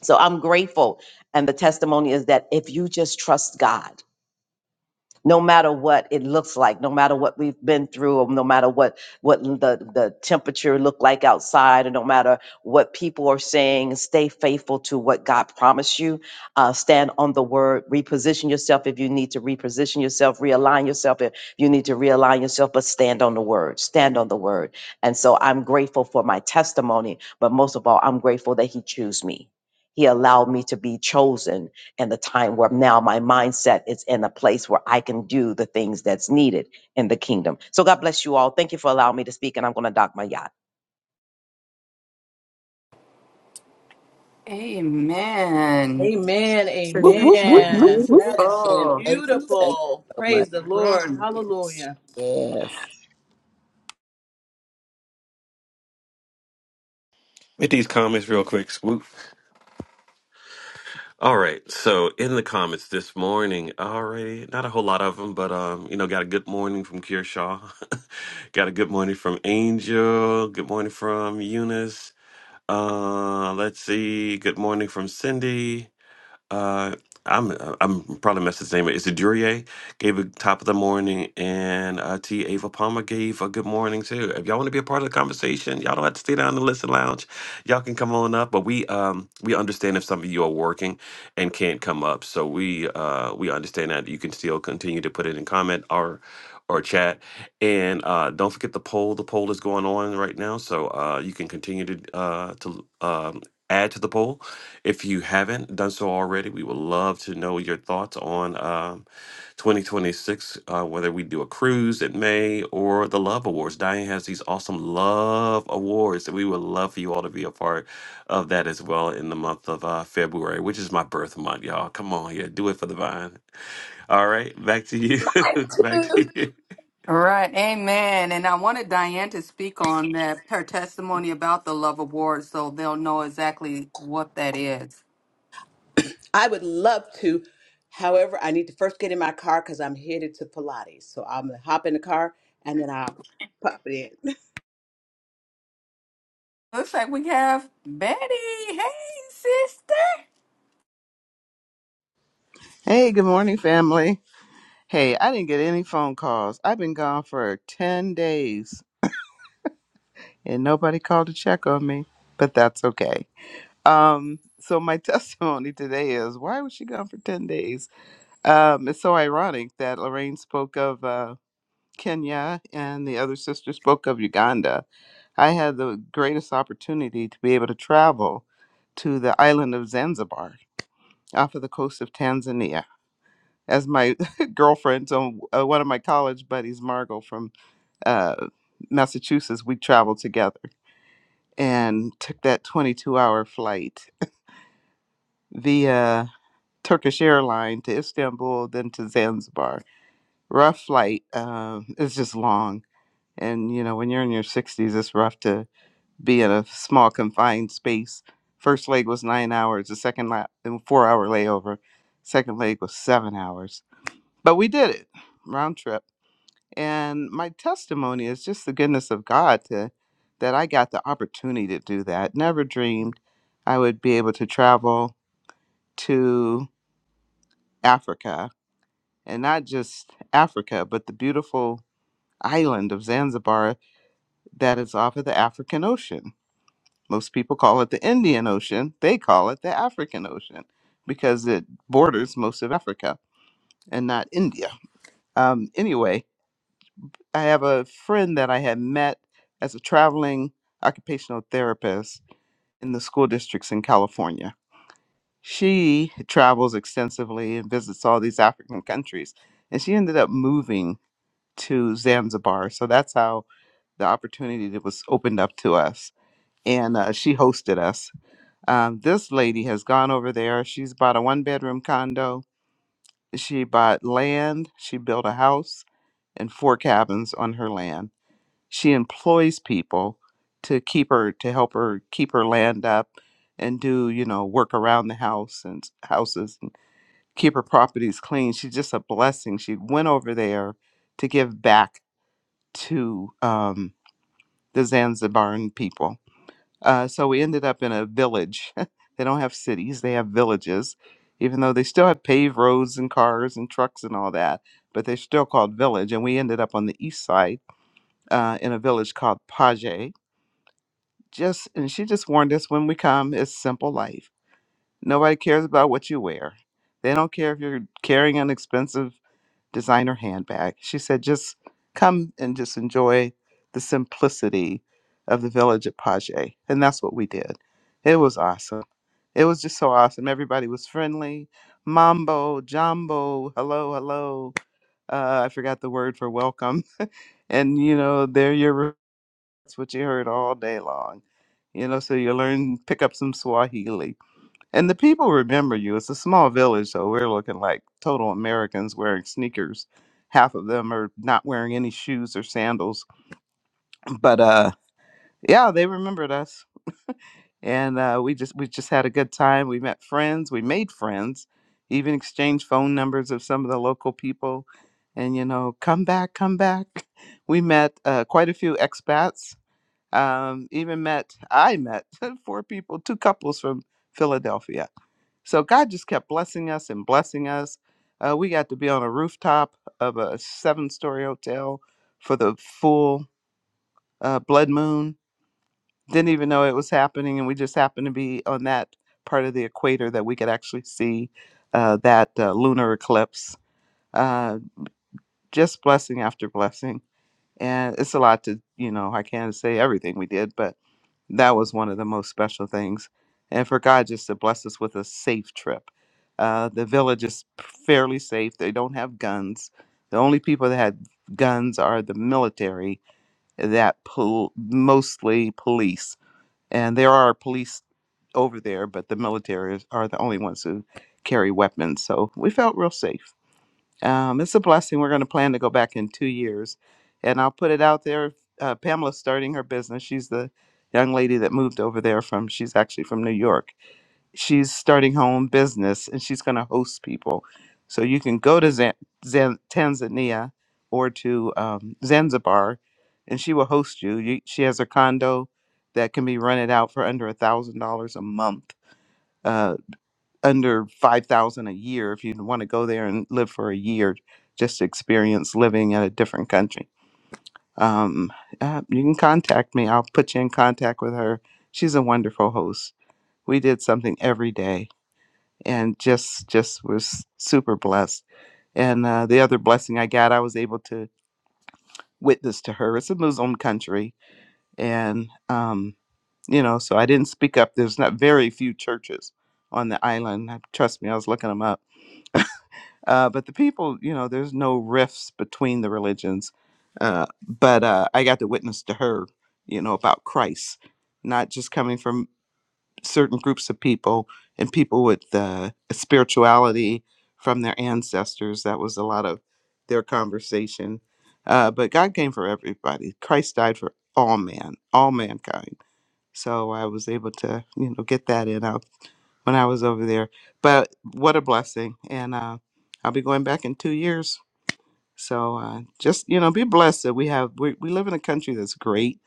Speaker 7: so I'm grateful. And the testimony is that if you just trust God, no matter what it looks like no matter what we've been through or no matter what what the, the temperature looked like outside and no matter what people are saying stay faithful to what god promised you uh, stand on the word reposition yourself if you need to reposition yourself realign yourself if you need to realign yourself but stand on the word stand on the word and so i'm grateful for my testimony but most of all i'm grateful that he chose me he allowed me to be chosen and the time where now my mindset is in a place where I can do the things that's needed in the kingdom. So God bless you all. Thank you for allowing me to speak, and I'm going to dock my yacht.
Speaker 1: Amen.
Speaker 4: Amen.
Speaker 1: So it's so
Speaker 4: Amen. That is
Speaker 1: Beautiful.
Speaker 2: And thank you. Thank
Speaker 4: beautiful.
Speaker 2: you so much.
Speaker 4: Praise the Lord. Hallelujah.
Speaker 2: Yes.
Speaker 3: With these comments real quick, swoop. All right, so in the comments this morning, already not a whole lot of them, but um, you know, got a good morning from Kearshaw, got a good morning from Angel, good morning from Eunice. Uh, let's see, good morning from Cindy. Uh, I'm I'm probably messed his name. up. Is it Duryea gave a top of the morning, and uh, T. Ava Palmer gave a good morning too. If y'all want to be a part of the conversation, y'all don't have to stay down in the listen lounge. Y'all can come on up, but we um we understand if some of you are working and can't come up, so we uh we understand that you can still continue to put it in comment or or chat, and uh, don't forget the poll. The poll is going on right now, so uh, you can continue to uh to um, add to the poll if you haven't done so already, we would love to know your thoughts on um, 2026, uh, whether we do a cruise in May or the Love Awards. Diane has these awesome Love Awards, and we would love for you all to be a part of that as well in the month of uh, February, which is my birth month, y'all. Come on here, do it for the vine. All right, back to you. back to you.
Speaker 1: All right, amen. And I wanted Diane to speak on that, her testimony about the Love Award, so they'll know exactly what that is.
Speaker 4: I would love to. However, I need to first get in my car because I'm headed to Pilates. So I'm gonna hop in the car and then I'll pop it in.
Speaker 1: Looks like we have Betty. Hey, sister.
Speaker 8: Hey, good morning, family. Hey, I didn't get any phone calls. I've been gone for 10 days and nobody called to check on me, but that's okay. Um, so my testimony today is why was she gone for 10 days? Um, it's so ironic that Lorraine spoke of uh, Kenya and the other sister spoke of Uganda. I had the greatest opportunity to be able to travel to the island of Zanzibar off of the coast of Tanzania as my girlfriend. So uh, one of my college buddies, Margot from uh, Massachusetts, we traveled together and took that 22-hour flight via Turkish airline to Istanbul, then to Zanzibar. Rough flight. Um, it's just long, and you know when you're in your 60s, it's rough to be in a small confined space. First leg was nine hours. The second lap, four hour layover. Second leg was seven hours. But we did it round trip And my testimony is just the goodness of God to, that I got the opportunity to do that. Never dreamed I would be able to travel to Africa and not just Africa, but the beautiful island of Zanzibar that is off of the African Ocean. Most people call it the Indian Ocean, they call it the African Ocean because it borders most of Africa and not India. Um, anyway, I have a friend that I had met as a traveling occupational therapist in the school districts in California. She travels extensively and visits all these African countries, and she ended up moving to Zanzibar. So that's how the opportunity that was opened up to us, and uh, she hosted us. Um, this lady has gone over there. She's bought a one-bedroom condo. She bought land. She built a house and four cabins on her land she employs people to keep her to help her keep her land up and do you know work around the house and s- houses and keep her properties clean she's just a blessing she went over there to give back to um, the zanzibaran people uh, so we ended up in a village they don't have cities they have villages even though they still have paved roads and cars and trucks and all that but they're still called village and we ended up on the east side uh, in a village called paje just and she just warned us when we come it's simple life nobody cares about what you wear they don't care if you're carrying an expensive designer handbag she said just come and just enjoy the simplicity of the village at page and that's what we did it was awesome it was just so awesome everybody was friendly mambo jumbo hello hello uh, i forgot the word for welcome and you know they're your that's what you heard all day long. You know, so you learn, pick up some Swahili. And the people remember you. It's a small village, so we're looking like total Americans wearing sneakers. Half of them are not wearing any shoes or sandals. But uh yeah, they remembered us. And uh we just we just had a good time. We met friends, we made friends, even exchanged phone numbers of some of the local people. And you know, come back, come back. We met uh, quite a few expats um, even met i met four people two couples from philadelphia so god just kept blessing us and blessing us uh, we got to be on a rooftop of a seven story hotel for the full uh, blood moon didn't even know it was happening and we just happened to be on that part of the equator that we could actually see uh, that uh, lunar eclipse uh, just blessing after blessing and it's a lot to you know i can't say everything we did but that was one of the most special things. And for God just to bless us with a safe trip. Uh, the village is fairly safe. They don't have guns. The only people that had guns are the military that pol- mostly police. And there are police over there, but the military is- are the only ones who carry weapons. So we felt real safe. Um, it's a blessing. We're going to plan to go back in two years. And I'll put it out there. Uh, Pamela's starting her business. She's the young lady that moved over there from, she's actually from New York. She's starting her own business and she's going to host people. So you can go to Zan- Zan- Tanzania or to um, Zanzibar and she will host you. you. She has a condo that can be rented out for under a $1,000 a month. uh, under 5000 a year if you want to go there and live for a year just to experience living in a different country um, uh, you can contact me i'll put you in contact with her she's a wonderful host we did something every day and just just was super blessed and uh, the other blessing i got i was able to witness to her it's a muslim country and um, you know so i didn't speak up there's not very few churches on the island trust me i was looking them up Uh, but the people, you know, there's no rifts between the religions. Uh, but uh, I got to witness to her, you know, about Christ, not just coming from certain groups of people and people with uh, spirituality from their ancestors. That was a lot of their conversation. Uh, but God came for everybody. Christ died for all man, all mankind so I was able to, you know, get that in out when I was over there. But what a blessing. And uh, I'll be going back in two years. So uh, just, you know, be blessed that we have, we, we live in a country that's great,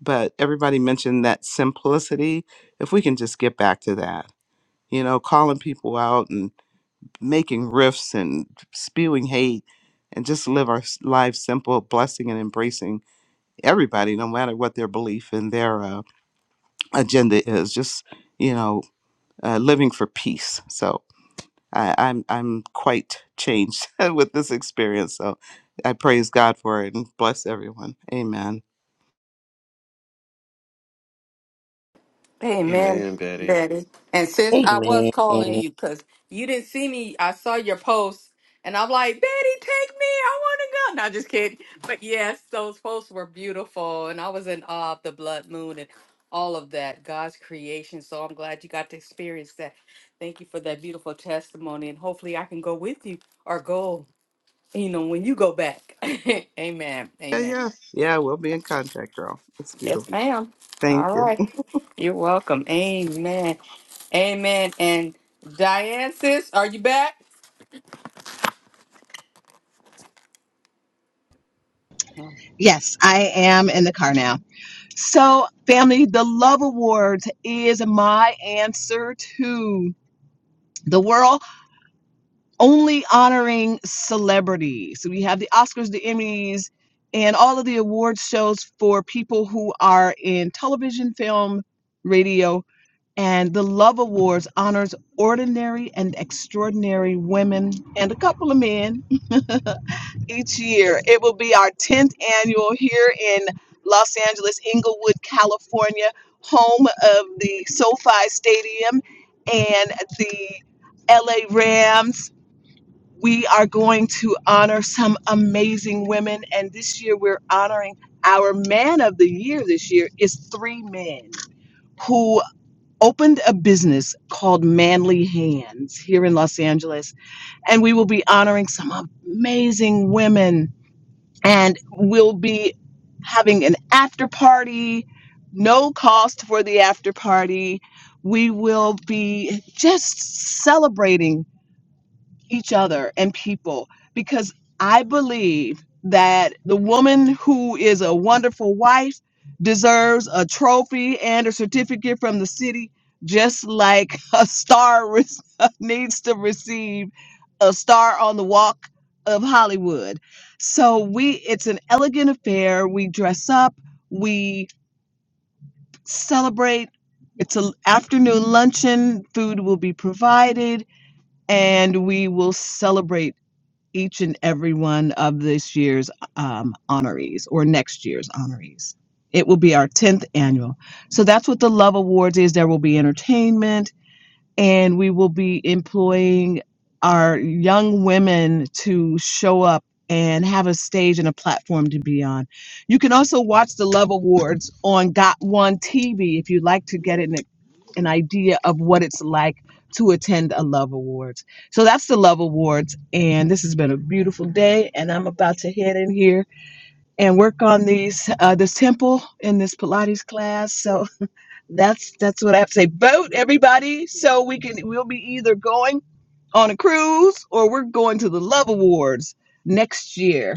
Speaker 8: but everybody mentioned that simplicity. If we can just get back to that, you know, calling people out and making riffs and spewing hate and just live our s- lives simple, blessing and embracing everybody, no matter what their belief and their uh, agenda is just you know uh, living for peace so I, i'm i'm quite changed with this experience so i praise god for it and bless everyone amen
Speaker 1: Amen,
Speaker 3: Amen, Betty.
Speaker 1: Daddy. And sis, I was
Speaker 2: Amen.
Speaker 1: calling you because you didn't see me. I saw your post, and I'm like, Betty, take me. I want to go. No, just kidding. But yes, those posts were beautiful, and I was in awe of the blood moon and all of that, God's creation. So I'm glad you got to experience that. Thank you for that beautiful testimony, and hopefully I can go with you or go, you know, when you go back. Amen.
Speaker 8: yeah
Speaker 1: Amen.
Speaker 8: yeah yeah we'll be in contact girl it's
Speaker 1: Yes,
Speaker 8: beautiful
Speaker 1: ma'am.
Speaker 8: thank
Speaker 1: All
Speaker 8: you
Speaker 1: right. You're welcome. Amen. Amen. And Diane, sis, are you back?
Speaker 4: Yes, I am in the car now. So, family, the Love Awards is my answer to the world only honoring celebrities. So, we have the Oscars, the Emmys, and all of the award shows for people who are in television, film, radio. And the Love Awards honors ordinary and extraordinary women and a couple of men each year. It will be our 10th annual here in Los Angeles, Inglewood, California, home of the SoFi Stadium and the LA Rams. We are going to honor some amazing women, and this year we're honoring our man of the year this year is three men who opened a business called Manly Hands here in Los Angeles. And we will be honoring some amazing women and we'll be having an after party no cost for the after party we will be just celebrating each other and people because I believe that the woman who is a wonderful wife deserves a trophy and a certificate from the city, just like a star re- needs to receive a star on the walk of Hollywood. So we it's an elegant affair. We dress up, we celebrate. It's an afternoon luncheon, food will be provided, and we will celebrate each and every one of this year's um, honorees or next year's honorees. It will be our 10th annual. So that's what the Love Awards is. There will be entertainment and we will be employing our young women to show up and have a stage and a platform to be on. You can also watch the Love Awards on Got One TV if you'd like to get an, an idea of what it's like to attend a Love Awards. So that's the Love Awards, and this has been a beautiful day. And I'm about to head in here and work on these uh, this temple and this Pilates class. So that's that's what I have to say. Vote everybody, so we can we'll be either going on a cruise or we're going to the Love Awards next year.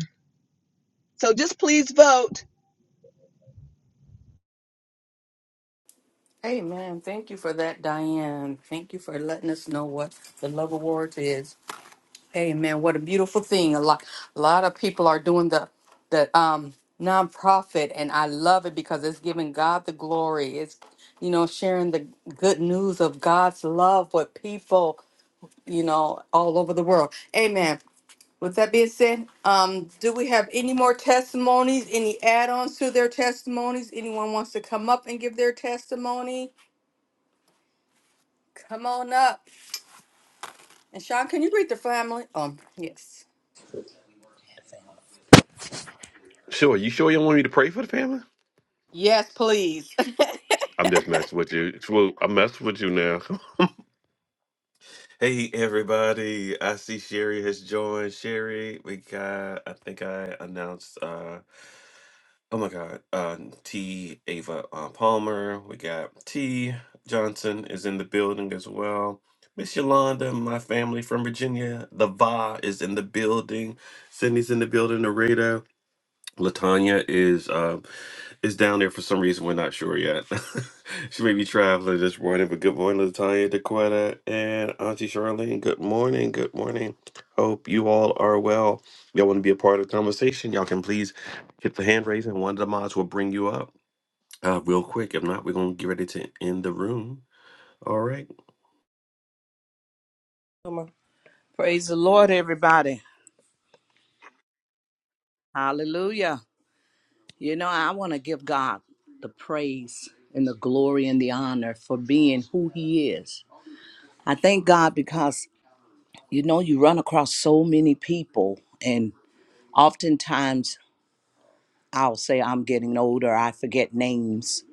Speaker 4: So just please vote.
Speaker 1: Amen. Thank you for that, Diane. Thank you for letting us know what the love awards is. Amen. What a beautiful thing. A lot, a lot of people are doing the the um nonprofit, and I love it because it's giving God the glory. It's you know sharing the good news of God's love with people. You know, all over the world. Amen. With that being said, um, do we have any more testimonies, any add-ons to their testimonies? Anyone wants to come up and give their testimony? Come on up. And Sean, can you read the family? Um, yes.
Speaker 3: Sure, you sure you don't want me to pray for the family?
Speaker 1: Yes, please.
Speaker 3: I'm just messing with you. Swoop, I'm messing with you now. Hey everybody, I see Sherry has joined. Sherry, we got I think I announced uh oh my god, uh T Ava uh, Palmer, we got T Johnson is in the building as well. Miss Yolanda, my family from Virginia, the Va is in the building, Sydney's in the building, Narita. Latanya is um is down there for some reason. We're not sure yet. she may be traveling this morning, but good morning, Latanya, Daquetta, and Auntie Charlene. Good morning. Good morning. Hope you all are well. Y'all want to be a part of the conversation? Y'all can please hit the hand raise, and one of the mods will bring you up uh, real quick. If not, we're gonna get ready to end the room. All right.
Speaker 9: Come on. Praise the Lord, everybody. Hallelujah. You know, I want to give God the praise and the glory and the honor for being who He is. I thank God because, you know, you run across so many people, and oftentimes I'll say, I'm getting older, I forget names.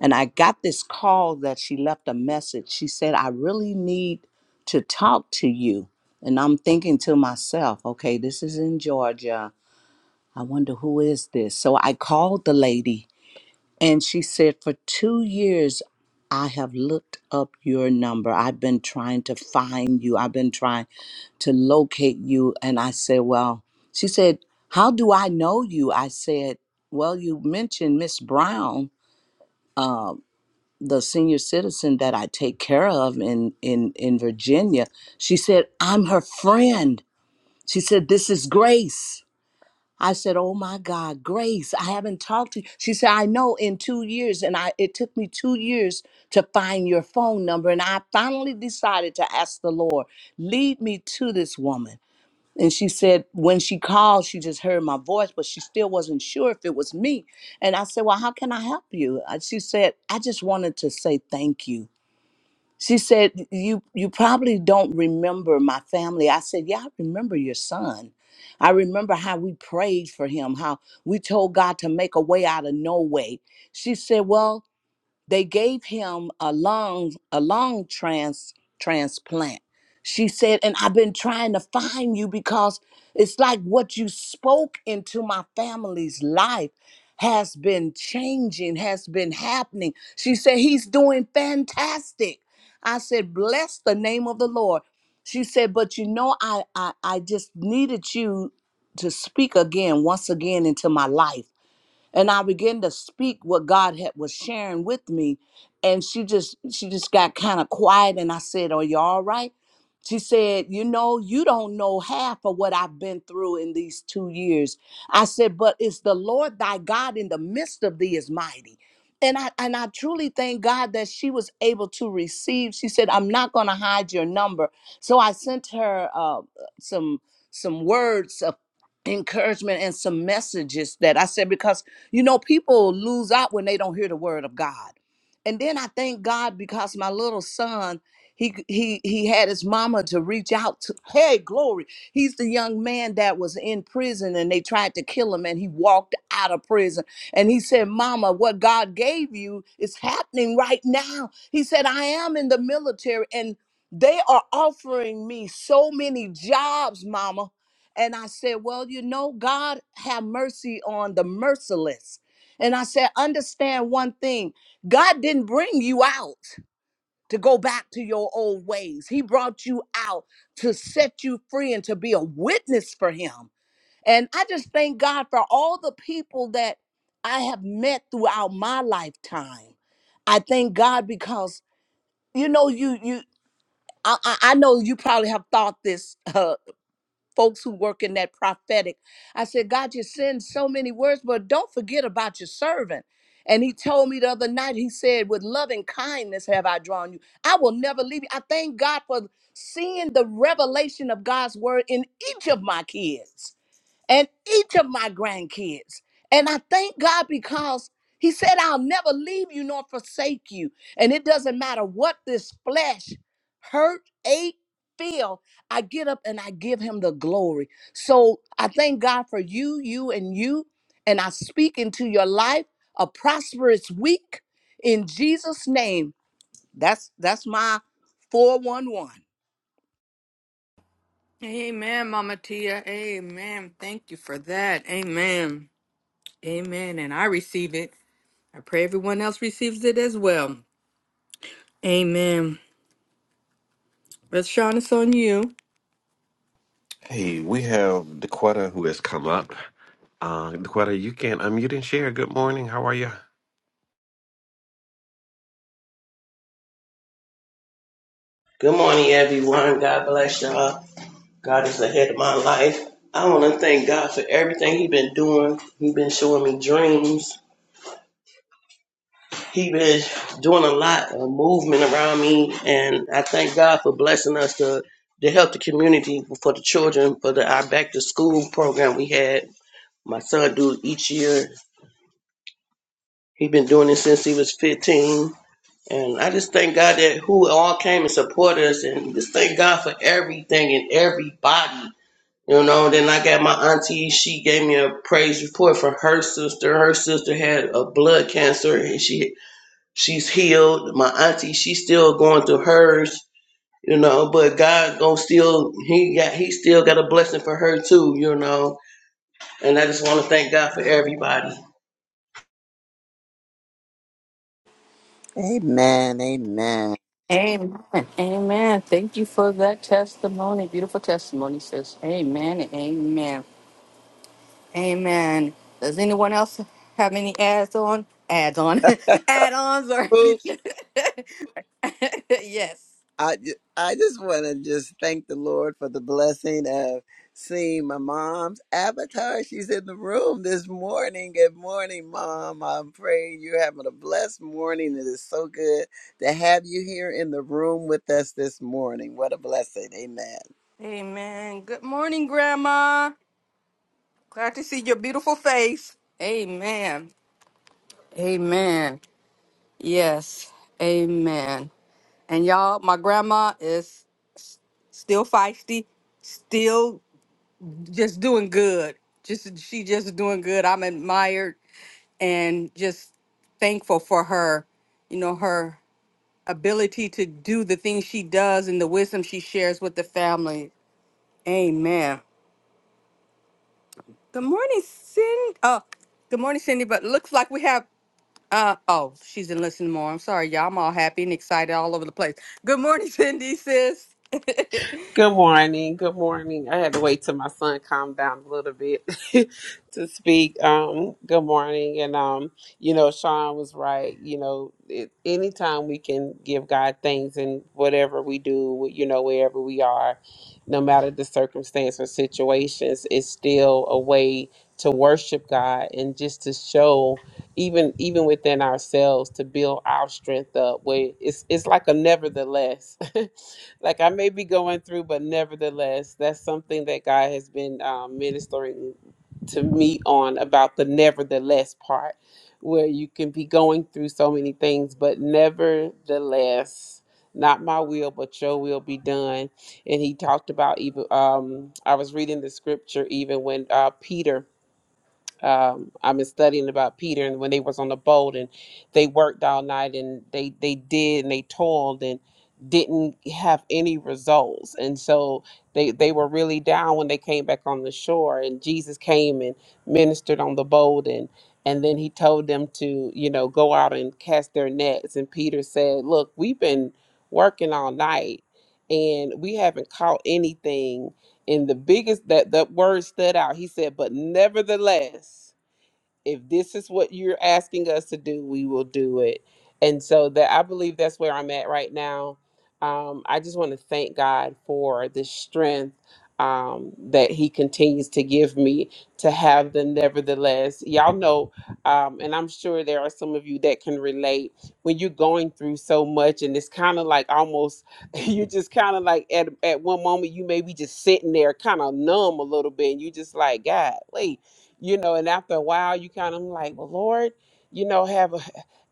Speaker 9: And I got this call that she left a message. She said, I really need to talk to you. And I'm thinking to myself, okay, this is in Georgia. I wonder who is this? So I called the lady and she said, For two years, I have looked up your number. I've been trying to find you. I've been trying to locate you. And I said, Well, she said, How do I know you? I said, Well, you mentioned Miss Brown, the senior citizen that I take care of in, in, in Virginia. She said, I'm her friend. She said, This is Grace. I said, "Oh my God, Grace, I haven't talked to you." She said, "I know in 2 years and I it took me 2 years to find your phone number and I finally decided to ask the Lord, lead me to this woman." And she said when she called, she just heard my voice, but she still wasn't sure if it was me. And I said, "Well, how can I help you?" And she said, "I just wanted to say thank you." She said, "You you probably don't remember my family." I said, "Yeah, I remember your son. I remember how we prayed for him, how we told God to make a way out of no way." She said, "Well, they gave him a lung a lung trans transplant. She said, and I've been trying to find you because it's like what you spoke into my family's life has been changing, has been happening. She said, He's doing fantastic. I said, Bless the name of the Lord. She said, But you know, I I, I just needed you to speak again, once again, into my life and I began to speak what God had was sharing with me, and she just she just got kind of quiet, and I said, "Are you all right?" She said, "You know, you don't know half of what I've been through in these two years." I said, "But it's the Lord thy God in the midst of thee is mighty." And I and I truly thank God that she was able to receive. She said, "I'm not going to hide your number." So I sent her uh, some some words of encouragement and some messages that I said because you know, people lose out when they don't hear the word of God. And then I thank God because my little son, he he he had his mama to reach out to. Hey, glory. He's the young man that was in prison and they tried to kill him and he walked out of prison. And he said, "Mama, what God gave you is happening right now." He said, "I am in the military and they are offering me so many jobs, mama and I said, Well, you know, God have mercy on the merciless. And I said, Understand one thing God didn't bring you out to go back to your old ways, He brought you out to set you free and to be a witness for Him. And I just thank God for all the people that I have met throughout my lifetime. I thank God because, you know, you, you, I, I I know you probably have thought this uh, folks who work in that prophetic. I said, God, you send so many words, but don't forget about your servant. And he told me the other night, he said, With loving kindness have I drawn you. I will never leave you. I thank God for seeing the revelation of God's word in each of my kids and each of my grandkids. And I thank God because He said, I'll never leave you nor forsake you. And it doesn't matter what this flesh hurt, ache, feel, I get up and I give Him the glory. So I thank God for you, you, and you. And I speak into your life a prosperous week in Jesus' name. That's that's my 411.
Speaker 1: Amen, Mama Tia. Amen. Thank you for that. Amen. Amen. And I receive it. I pray everyone else receives it as well. Amen. But Sean, it's on you.
Speaker 3: Hey, we have Daquetta who has come up. Uh, Daquetta, you can unmute and share. Good morning. How are you?
Speaker 10: Good morning, everyone. God bless y'all. God is ahead of my life. I want to thank God for everything He has been doing. He has been showing me dreams. He has been doing a lot of movement around me, and I thank God for blessing us to to help the community for the children for the our back to school program we had. My son do each year. He has been doing it since he was 15. And I just thank God that who all came and support us, and just thank God for everything and everybody You know, then I got my auntie, she gave me a praise report for her sister. Her sister had a blood cancer and she she's healed. My auntie, she's still going through hers, you know, but God gonna still he got he still got a blessing for her too, you know. And I just wanna thank God for everybody.
Speaker 2: Amen. Amen.
Speaker 1: Amen. Amen. Thank you for that testimony. Beautiful testimony, sis. Amen. Amen. Amen. Does anyone else have any ads on? Ads on. Add-ons or anything? yes.
Speaker 2: I, ju- I just want to just thank the Lord for the blessing of seeing my mom's avatar. She's in the room this morning. Good morning, Mom. I'm praying you're having a blessed morning. It is so good to have you here in the room with us this morning. What a blessing. Amen.
Speaker 1: Amen. Good morning, Grandma. Glad to see your beautiful face. Amen. Amen. Yes. Amen. And y'all, my grandma is still feisty, still just doing good. Just she just doing good. I'm admired and just thankful for her, you know, her ability to do the things she does and the wisdom she shares with the family. Amen. Good morning, Cindy. Oh, good morning, Cindy. But looks like we have uh oh, she's in listening more. I'm sorry, y'all. I'm all happy and excited all over the place. Good morning, Cindy, sis.
Speaker 11: Good morning. Good morning. I had to wait till my son calmed down a little bit to speak. Um, good morning. And, um, you know, Sean was right. You know, it, anytime we can give God thanks and whatever we do, you know, wherever we are, no matter the circumstance or situations, it's still a way to worship God and just to show even even within ourselves to build our strength up where it's it's like a nevertheless like I may be going through, but nevertheless, that's something that God has been um, ministering to me on about the nevertheless part, where you can be going through so many things, but nevertheless, not my will, but your will be done. And he talked about even, um, I was reading the scripture even when uh, Peter um, I've been studying about Peter and when they was on the boat and they worked all night and they they did and they toiled and didn't have any results and so they they were really down when they came back on the shore and Jesus came and ministered on the boat and and then he told them to you know go out and cast their nets and Peter said look we've been working all night and we haven't caught anything and the biggest that that word stood out. He said, "But nevertheless." if this is what you're asking us to do, we will do it. And so that I believe that's where I'm at right now. Um, I just want to thank God for the strength um, that He continues to give me to have the nevertheless. Y'all know, um, and I'm sure there are some of you that can relate when you're going through so much, and it's kind of like almost you're just kind of like at at one moment you may be just sitting there kind of numb a little bit, and you just like God, wait you know and after a while you kind of like well lord you know have a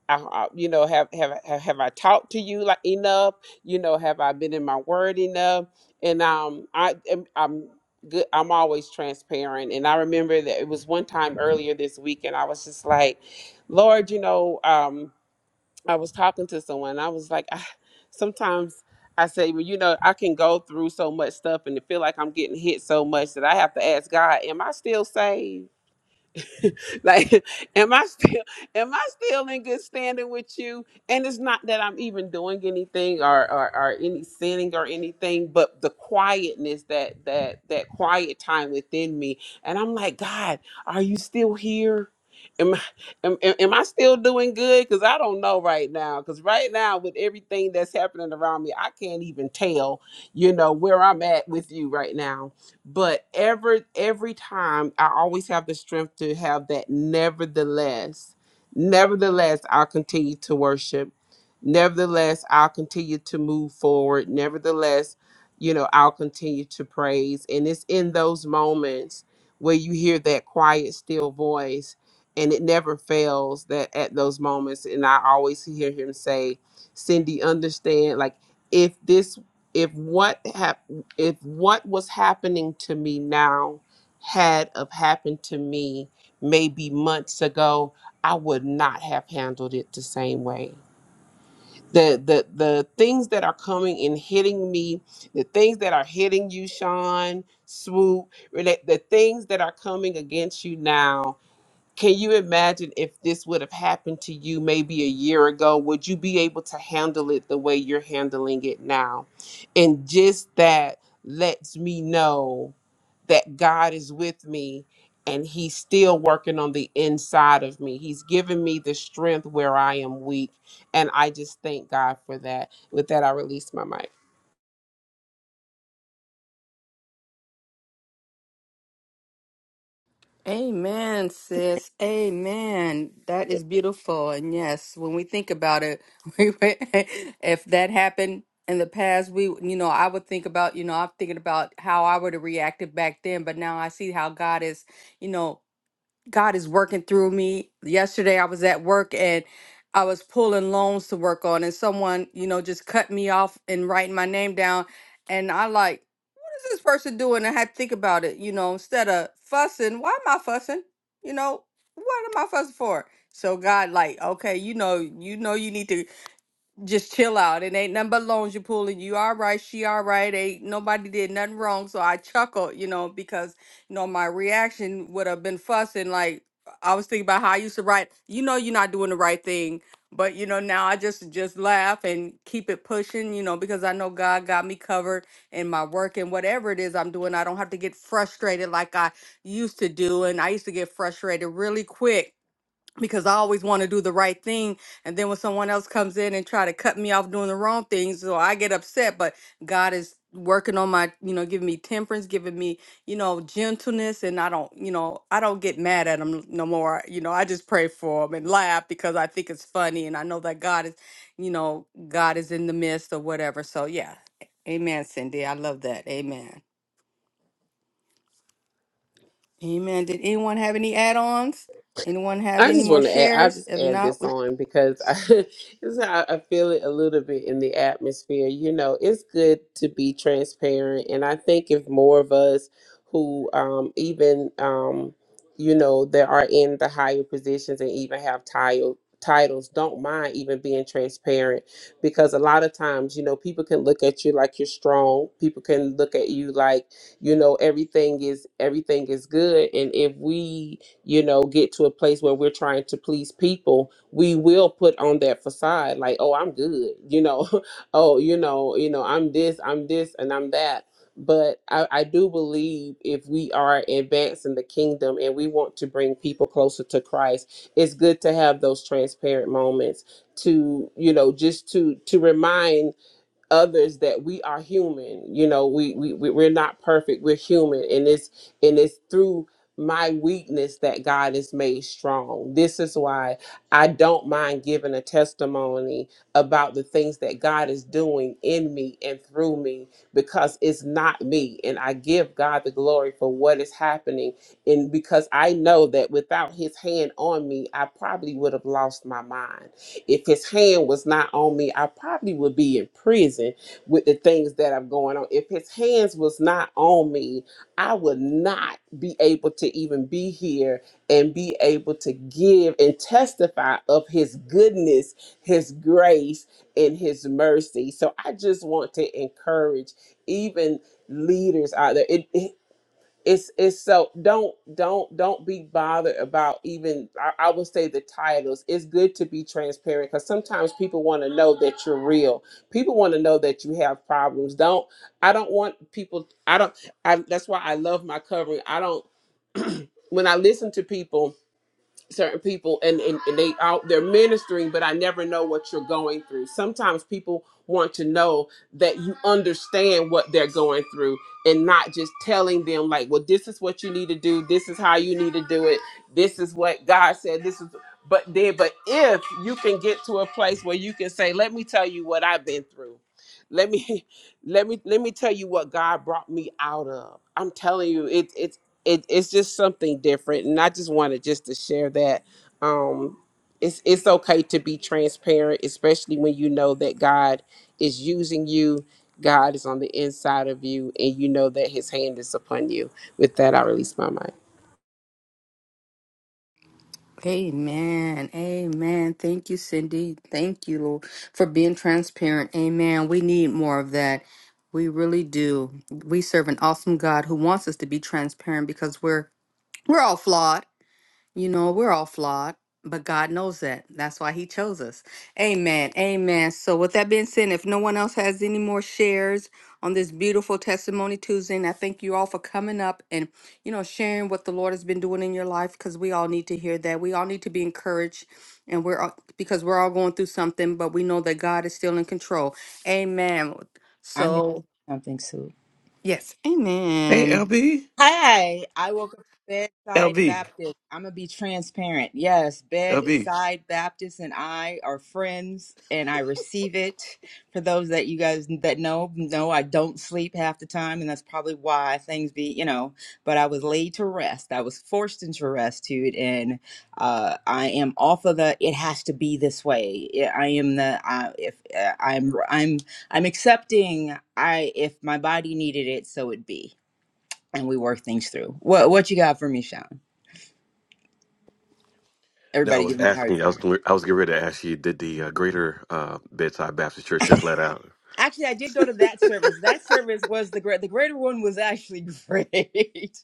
Speaker 11: I, I- you know have, have have have i talked to you like enough you know have i been in my word enough and um i am i'm good i'm always transparent and i remember that it was one time earlier this week and i was just like lord you know um i was talking to someone i was like I, sometimes I say, well, you know, I can go through so much stuff and feel like I'm getting hit so much that I have to ask God, am I still saved? like am i still am i still in good standing with you and it's not that i'm even doing anything or or, or any sinning or anything but the quietness that that that quiet time within me and i'm like god are you still here Am, I- am, am am I still doing good? Because I don't know right now. Because right now, with everything that's happening around me, I can't even tell, you know, where I'm at with you right now but every every time i always have the strength to have that nevertheless nevertheless i'll continue to worship nevertheless i'll continue to move forward nevertheless you know i'll continue to praise and it's in those moments where you hear that quiet still voice and it never fails that at those moments and i always hear him say cindy understand like if this if what happened if what was happening to me now had of happened to me maybe months ago, I would not have handled it the same way. The the the things that are coming and hitting me, the things that are hitting you, Sean, swoop, Renee, the things that are coming against you now can you imagine if this would have happened to you maybe a year ago? Would you be able to handle it the way you're handling it now? And just that lets me know that God is with me and He's still working on the inside of me. He's given me the strength where I am weak. And I just thank God for that. With that, I release my mic.
Speaker 1: Amen, sis. Amen. That is beautiful. And yes, when we think about it, we, we- if that happened in the past, we, you know, I would think about, you know, I'm thinking about how I would have reacted back then, but now I see how God is, you know, God is working through me. Yesterday I was at work and I was pulling loans to work on and someone, you know, just cut me off and writing my name down. And I like, is this person doing? I had to think about it, you know, instead of fussing, why am I fussing? You know, what am I fussing for? So God, like, okay, you know, you know, you need to just chill out. It ain't nothing but loans you pulling. You all right, she all right. Ain't nobody did nothing wrong. So I chuckled, you know, because you know my reaction would have been fussing. Like I was thinking about how I used to write. You know, you're not doing the right thing, but you know now I just just laugh and keep it pushing. You know, because I know God got me covered in my work and whatever it is I'm doing. I don't have to get frustrated like I used to do, and I used to get frustrated really quick because I always want to do the right thing. And then when someone else comes in and try to cut me off doing the wrong things, so I get upset. But God is working on my, you know, giving me temperance, giving me, you know, gentleness, and I don't, you know, I don't get mad at him no more. You know, I just pray for him and laugh because I think it's funny, and I know that God is, you know, God is in the midst or whatever. So yeah, Amen, Cindy. I love that. Amen. Amen. Did anyone have any add-ons? Anyone have
Speaker 11: I
Speaker 1: any
Speaker 11: just
Speaker 1: more
Speaker 11: want to add. I
Speaker 1: shares?
Speaker 11: just
Speaker 1: If
Speaker 11: add
Speaker 1: not,
Speaker 11: this on because I, this is how I feel it a little bit in the atmosphere. You know, it's good to be transparent, and I think if more of us who um, even um, you know that are in the higher positions and even have title titles don't mind even being transparent because a lot of times you know people can look at you like you're strong people can look at you like you know everything is everything is good and if we you know, get to a place where we're trying to please people, we will put on that facade like, oh, I'm good, you know, oh, you know, you know, I'm this, I'm this, and I'm that. But I, I do believe if we are advancing the kingdom and we want to bring people closer to Christ, it's good to have those transparent moments to, you know, just to to remind others that we are human you know we, we we- we're not perfect we're human and it's and it's through my weakness that god is made strong this is why i don't mind giving a testimony about the things that god is doing in me and through me because it's not me and i give god the glory for what is happening and because i know that without his hand on me i probably would have lost my mind if his hand was not on me, I probably would be in prison with the things that are going on. If his hands was not on me, I would not be able to even be here and be able to give and testify of his goodness, his grace, and his mercy. So I just want to encourage even leaders out there it's it's so don't don't don't be bothered about even I, I would say the titles it's good to be transparent because sometimes people want to know that you're real people want to know that you have problems don't i don't want people i don't I, that's why i love my covering i don't when i listen to people certain people and, and, and they out they're ministering but i never know what you're going through sometimes people want to know that you understand what they're going through and not just telling them like well this is what you need to do this is how you need to do it this is what god said this is but then but if you can get to a place where you can say let me tell you what i've been through let me let me let me tell you what god brought me out of i'm telling you it, it's it, it's just something different and i just wanted just to share that um it's it's okay to be transparent especially when you know that god is using you god is on the inside of you and you know that his hand is upon you with that i release my mind
Speaker 1: Amen. Amen. Thank you, Cindy. Thank you, Lord, for being transparent. Amen. We need more of that. We really do. We serve an awesome God who wants us to be transparent because we're we're all flawed. You know, we're all flawed, but God knows that. That's why He chose us. Amen. Amen. So, with that being said, if no one else has any more shares on this beautiful Testimony Tuesday, and I thank you all for coming up and, you know, sharing what the Lord has been doing in your life because we all need to hear that. We all need to be encouraged, and we're all, because we're all going through something, but we know that God is still in control. Amen.
Speaker 12: I'm going to say
Speaker 1: So,
Speaker 12: something, Sue.
Speaker 1: yes.
Speaker 3: Hey,
Speaker 1: Amen.
Speaker 3: LB.
Speaker 12: Hey, I woke up bedside
Speaker 3: LB.
Speaker 12: Baptist. I'm gonna be transparent. Yes,
Speaker 3: LB.
Speaker 12: bedside Baptist and I are friends, and I receive it. For those that you guys that know, know I don't sleep half the time, and that's probably why things be, you know. But I was laid to rest. I was forced into restitude, and uh, I am off of the. It has to be this way. Yeah, I am the. I, if uh, I'm, I'm, I'm accepting. I if my body needed it, so it be and we work things through. What what you got for me, Sean?
Speaker 3: No, I
Speaker 12: Everybody
Speaker 3: was
Speaker 12: give me a hard
Speaker 3: asking you. I was
Speaker 12: time.
Speaker 3: gonna- I was getting ready to ask you. Did the uh, Greater uh, Bedside Baptist Church just let out?
Speaker 12: Actually, I did go to that service. That service was the great. The greater one was actually great. it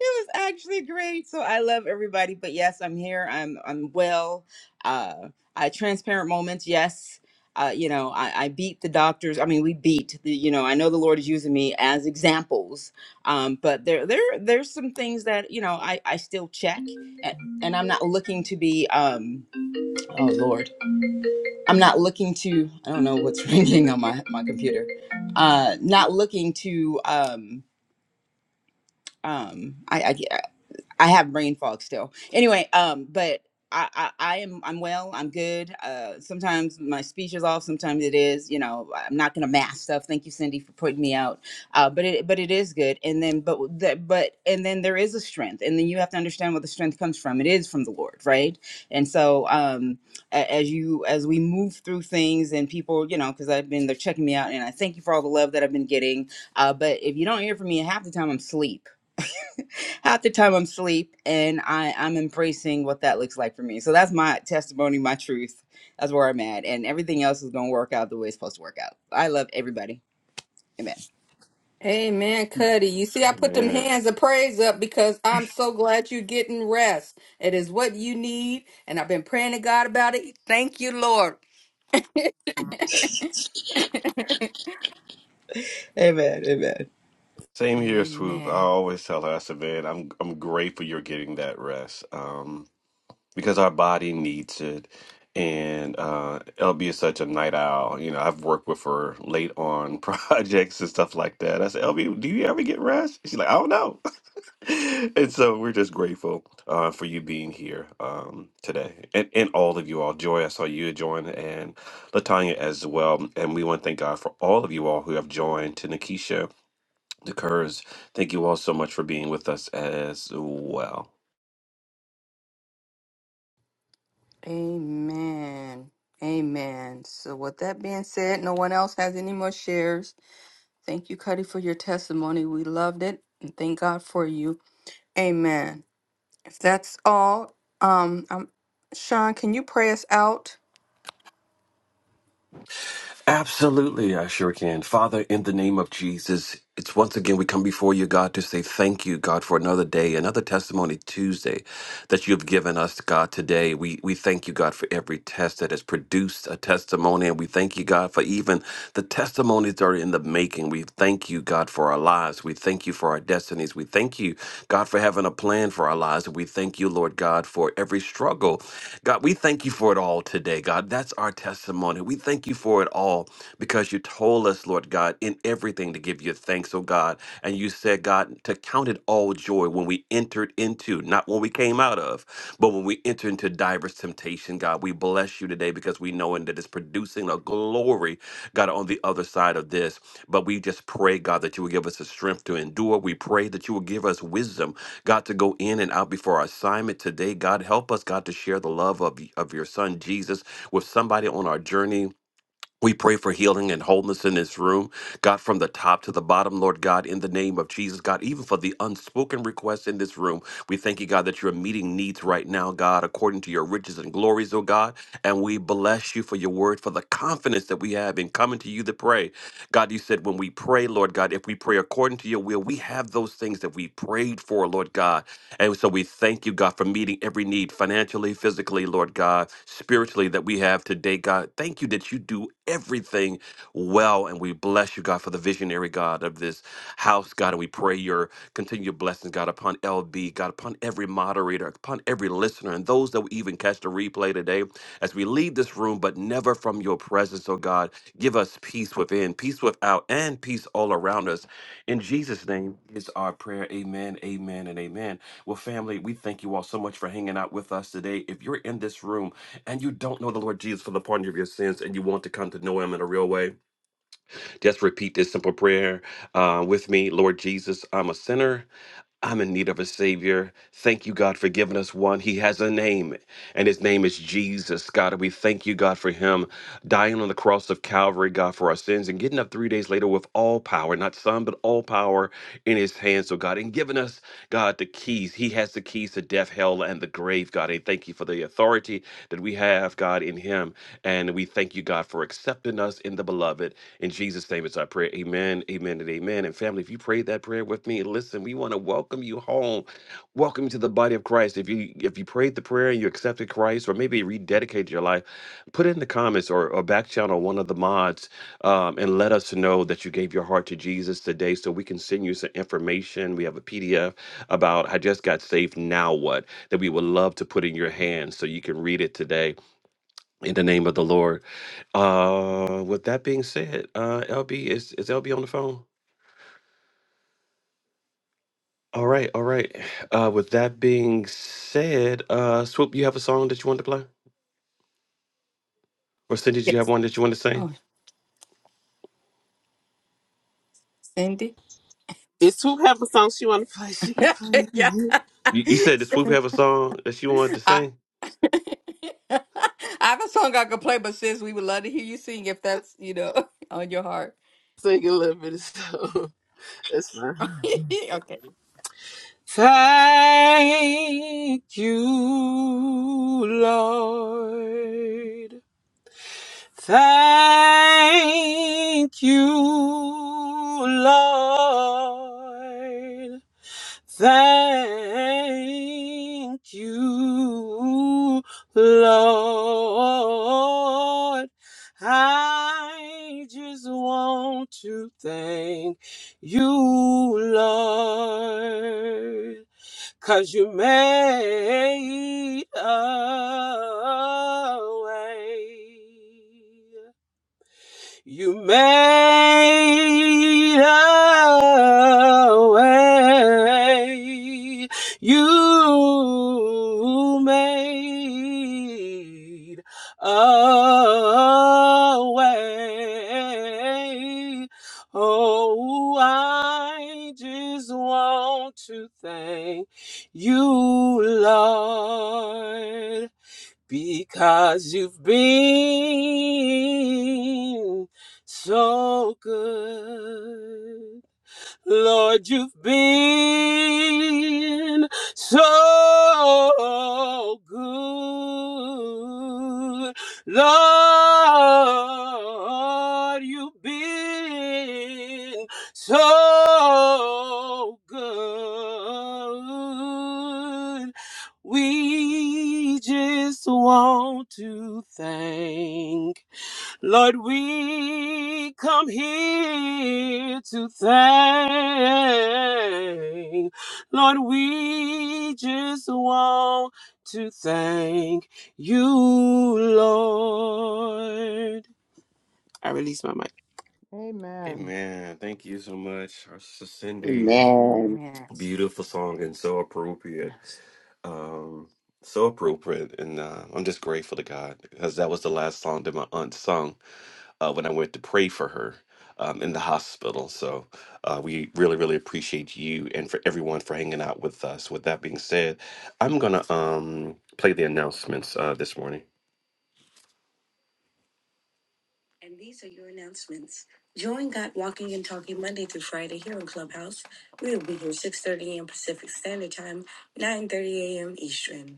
Speaker 12: was actually great. So I love everybody. But yes, I'm here. I'm I'm well. Uh, I transparent moments. Yes. Uh, you know, I, I beat the doctors. I mean, we beat the. You know, I know the Lord is using me as examples. Um, but there, there, there's some things that you know I, I still check, and, and I'm not looking to be. Um, oh Lord. I'm not looking to. I don't know what's ringing on my my computer. Uh, not looking to. Um, um, I, I I have brain fog still. Anyway, um, but I, I, I am I'm well. I'm good. Uh, sometimes my speech is off. Sometimes it is. You know, I'm not gonna mask stuff. Thank you, Cindy, for putting me out. Uh, but it but it is good. And then but w- the, but and then there is a strength. And then you have to understand where the strength comes from. It is from the Lord, right? And so um, a- as you as we move through things and people, you know, because I've been they're checking me out, and I thank you for all the love that I've been getting. Uh, but if you don't hear from me half the time, I'm asleep half the time I'm asleep and I, I'm embracing what that looks like for me. So that's my testimony, my truth. That's where I'm at. And everything else is gonna work out the way it's supposed to work out. I love everybody. Amen.
Speaker 1: Amen, Cuddy. You see, I put them
Speaker 3: Man,
Speaker 1: hands of praise up because I'm so glad you're getting rest. It is what you need, and I've been praying to God about it. Thank you, Lord.
Speaker 12: Amen. Amen.
Speaker 3: same here, Swoop. I
Speaker 1: Amen.
Speaker 3: always tell her, I said, man, I'm I'm grateful you're getting that rest, um, because our body needs it. And uh, LB is such a night owl. You know, I've worked with her late on projects and stuff like that. I said, LB, do you ever get rest? She's like, I don't know. and so we're just grateful uh, for you being here um, today and, and all of you all. Joy, I saw you join and Latanya as well. And we want to thank God for all of you all who have joined to Nikisha, the Kurz. Thank you all so much for being with us as well.
Speaker 1: Amen. Amen. So, with that being said, no one else has any more shares. Thank you, Cuddy, for your testimony. We loved it, and thank God for you. Amen. If that's all, um, um Sean, can you pray us out?
Speaker 3: Absolutely, I sure can. Father, in the name of Jesus, it's once again we come before you, God, to say thank you, God, for another day, another testimony Tuesday that you've given us, God, today. We we thank you, God, for every test that has produced a testimony, and we thank you, God, for even the testimonies that are in the making. We thank you, God, for our lives. We thank you for our destinies. We thank you, God, for having a plan for our lives. And we thank you, Lord God, for every struggle. God, we thank you for it all today, God. That's our testimony. We thank you for it all because you told us, Lord God, in everything to give you thanks, oh God. And you said, God, to count it all joy when we entered into, not when we came out of, but when we enter into diverse temptation, God. We bless you today because we know that it's producing a glory, God, on the other side of this. But we just pray, God, that you will give us the strength to endure. We pray that you will give us wisdom God, to go in and out before our assignment today. God, help us, God, to share the love of, of your son Jesus with somebody on our journey. We pray for healing and wholeness in this room, God, from the top to the bottom, Lord God, in the name of Jesus, God, even for the unspoken requests in this room. We thank you, God, that you're meeting needs right now, God, according to your riches and glories, oh God. And we bless you for your word, for the confidence that we have in coming to you to pray. God, you said when we pray, Lord God, if we pray according to your will, we have those things that we prayed for, Lord God. And so we thank you, God, for meeting every need financially, physically, Lord God, spiritually that we have today, God. Thank you that you do everything well. And we bless you, God, for the visionary, God, of this house, God. And we pray your continued blessings, God, upon LB, God, upon every moderator, upon every listener, and those that will even catch the replay today as we leave this room, but never from your presence, oh God. Give us peace within, peace without, and peace all around us. In Jesus' name is our prayer. Amen, amen, and amen. Well, family, we thank you all so much for hanging out with us today. If you're in this room and you don't know the Lord Jesus for the pardon of your sins and you want to come to know him in a real way, just repeat this simple prayer uh, with me Lord Jesus, I'm a sinner. I'm in need of a Savior. Thank you, God, for giving us one. He has a name, and his name is Jesus, God. And we thank you, God, for him dying on the cross of Calvary, God, for our sins, and getting up three days later with all power, not some, but all power in his hands, oh God, and giving us, God, the keys. He has the keys to death, hell, and the grave, God. And thank you for the authority that we have, God, in him. And we thank you, God, for accepting us in the beloved. In Jesus' name, it's our prayer. Amen, amen, and amen. And family, if you prayed that prayer with me, listen, we want to welcome you home. Welcome you to the body of Christ. If you if you prayed the prayer and you accepted Christ, or maybe rededicated your life, put in the comments or, or back channel one of the mods um, and let us know that you gave your heart to Jesus today so we can send you some information. We have a PDF about I just got saved, now what? That we would love to put in your hands so you can read it today in the name of the Lord. Uh, with that being said, uh, LB is is LB on the phone? All right, all right. Uh, with that being said, uh, Swoop, you have a song that you wanted to play, or Cindy, do
Speaker 1: Yes.
Speaker 3: you have one that you want to sing?
Speaker 1: Oh, Cindy.
Speaker 11: it's whoever song she want to play she can play it.
Speaker 3: You, you said that Swoop have a song that she wanted to
Speaker 1: I,
Speaker 3: sing.
Speaker 1: I have a song I could play, but sis, we would love to hear you sing if that's, you know, on your heart.
Speaker 11: sing a little bit of song that's fine
Speaker 1: okay.
Speaker 11: thank you lord Thank you, Lord. Thank you, Lord. I just want to thank you, Lord, 'cause you made a way. You made a way. You made a way. Oh, I just want to thank you, Lord because you've been so good. Lord, you've been so good. Lord, you've been so good. We just want to thank Lord, we come here to thank. Lord, we just want to thank you, Lord. I release my mic.
Speaker 3: Hey
Speaker 8: amen
Speaker 3: man, thank you so much, our Cindy.
Speaker 2: Amen.
Speaker 3: Beautiful song and so appropriate. Um, so appropriate. And uh, I'm just grateful to God because that was the last song that my aunt sung uh, when I went to pray for her um, in the hospital. So uh, we really, really appreciate you and for everyone for hanging out with us. With that being said, I'm gonna um, play the announcements uh, this morning. And these are your announcements. Join Got Walking and Talking Monday through Friday here on Clubhouse. We will be here 6.30 a.m. Pacific Standard Time, 9.30 a.m. Eastern.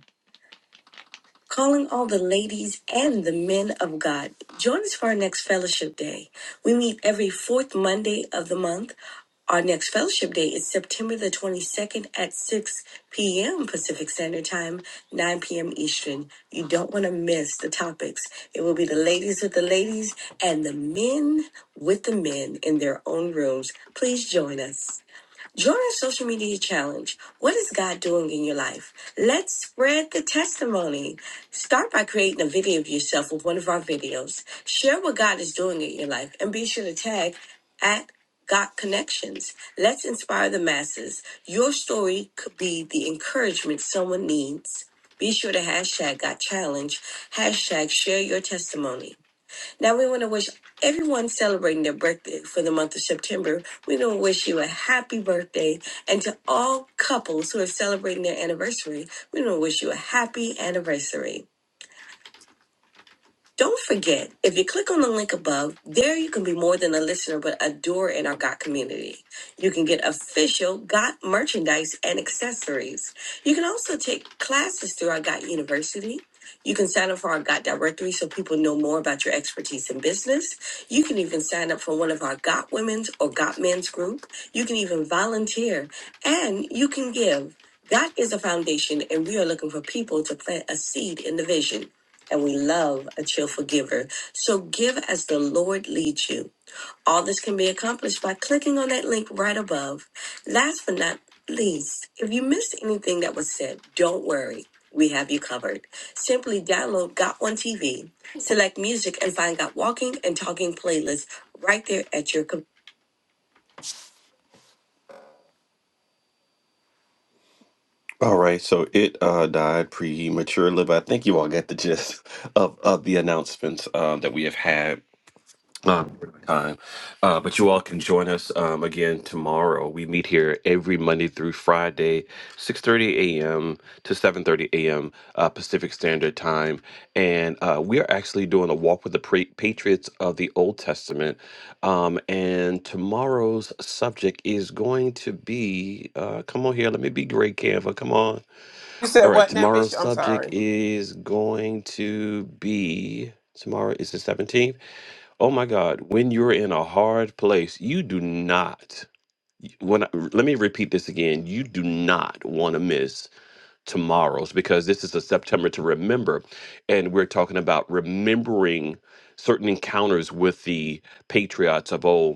Speaker 3: Calling all the ladies and the men of God. Join us for our next fellowship day. We meet every fourth Monday of the month. Our next fellowship day is September the 22nd at 6 p.m. Pacific Standard Time, 9 p.m. Eastern. You don't want to miss the topics. It will be the ladies with the ladies and the men with the men in their own rooms. Please join us. Join our social media challenge. What is God doing in your life? Let's spread the testimony. Start by creating a video of yourself with one of our videos. Share what God is doing in your life and be sure to tag at God Connections. Let's inspire the masses. Your story could be the encouragement someone needs. Be sure to hashtag Got Challenge, hashtag share your testimony. Now we want to wish everyone celebrating their birthday for the month of September. We want to wish you a happy birthday, and to all couples who are celebrating their anniversary, we want to wish you a happy anniversary. Don't forget, if you click on the link above, there you can be more than a listener but a doer in our GOT community. You can get official GOT merchandise and accessories. You can also take classes through our GOT University. You can sign up for our GOT directory so people know more about your expertise in business. You can even sign up for one of our GOT women's or GOT men's group. You can even volunteer and you can give. That is a foundation, and we are looking for people to plant a seed in the vision and we love a cheerful giver. So give as the Lord leads you. All this can be accomplished by clicking on that link right above. Last but not least, if you missed anything that was said, don't worry. We have you covered. Simply download Got One TV, select music, and find Got Walking and Talking playlists right there at your computer. All right, so it uh, died prematurely, but I think you all got the gist of, of the announcements uh, that we have had um, time. Uh, but you all can join us um, again tomorrow. We meet here every Monday through Friday, 6.30 a.m. to 7.30 a.m. Uh, Pacific Standard Time. And uh, we are actually doing a walk with the pra- Patriots of the Old Testament. Um, and tomorrow's subject is going to be, uh, come on here, let me be great, Canva, come on.
Speaker 11: You said
Speaker 3: All right,
Speaker 11: what now,
Speaker 3: tomorrow's
Speaker 11: Bishop? I'm
Speaker 3: subject
Speaker 11: sorry.
Speaker 3: is going to be, tomorrow is the 17th. Oh my God, when you're in a hard place, you do not. y- When I, r- let me repeat this again, you do not want to miss tomorrow's because this is a September to remember, and we're talking about remembering certain encounters with the patriots of old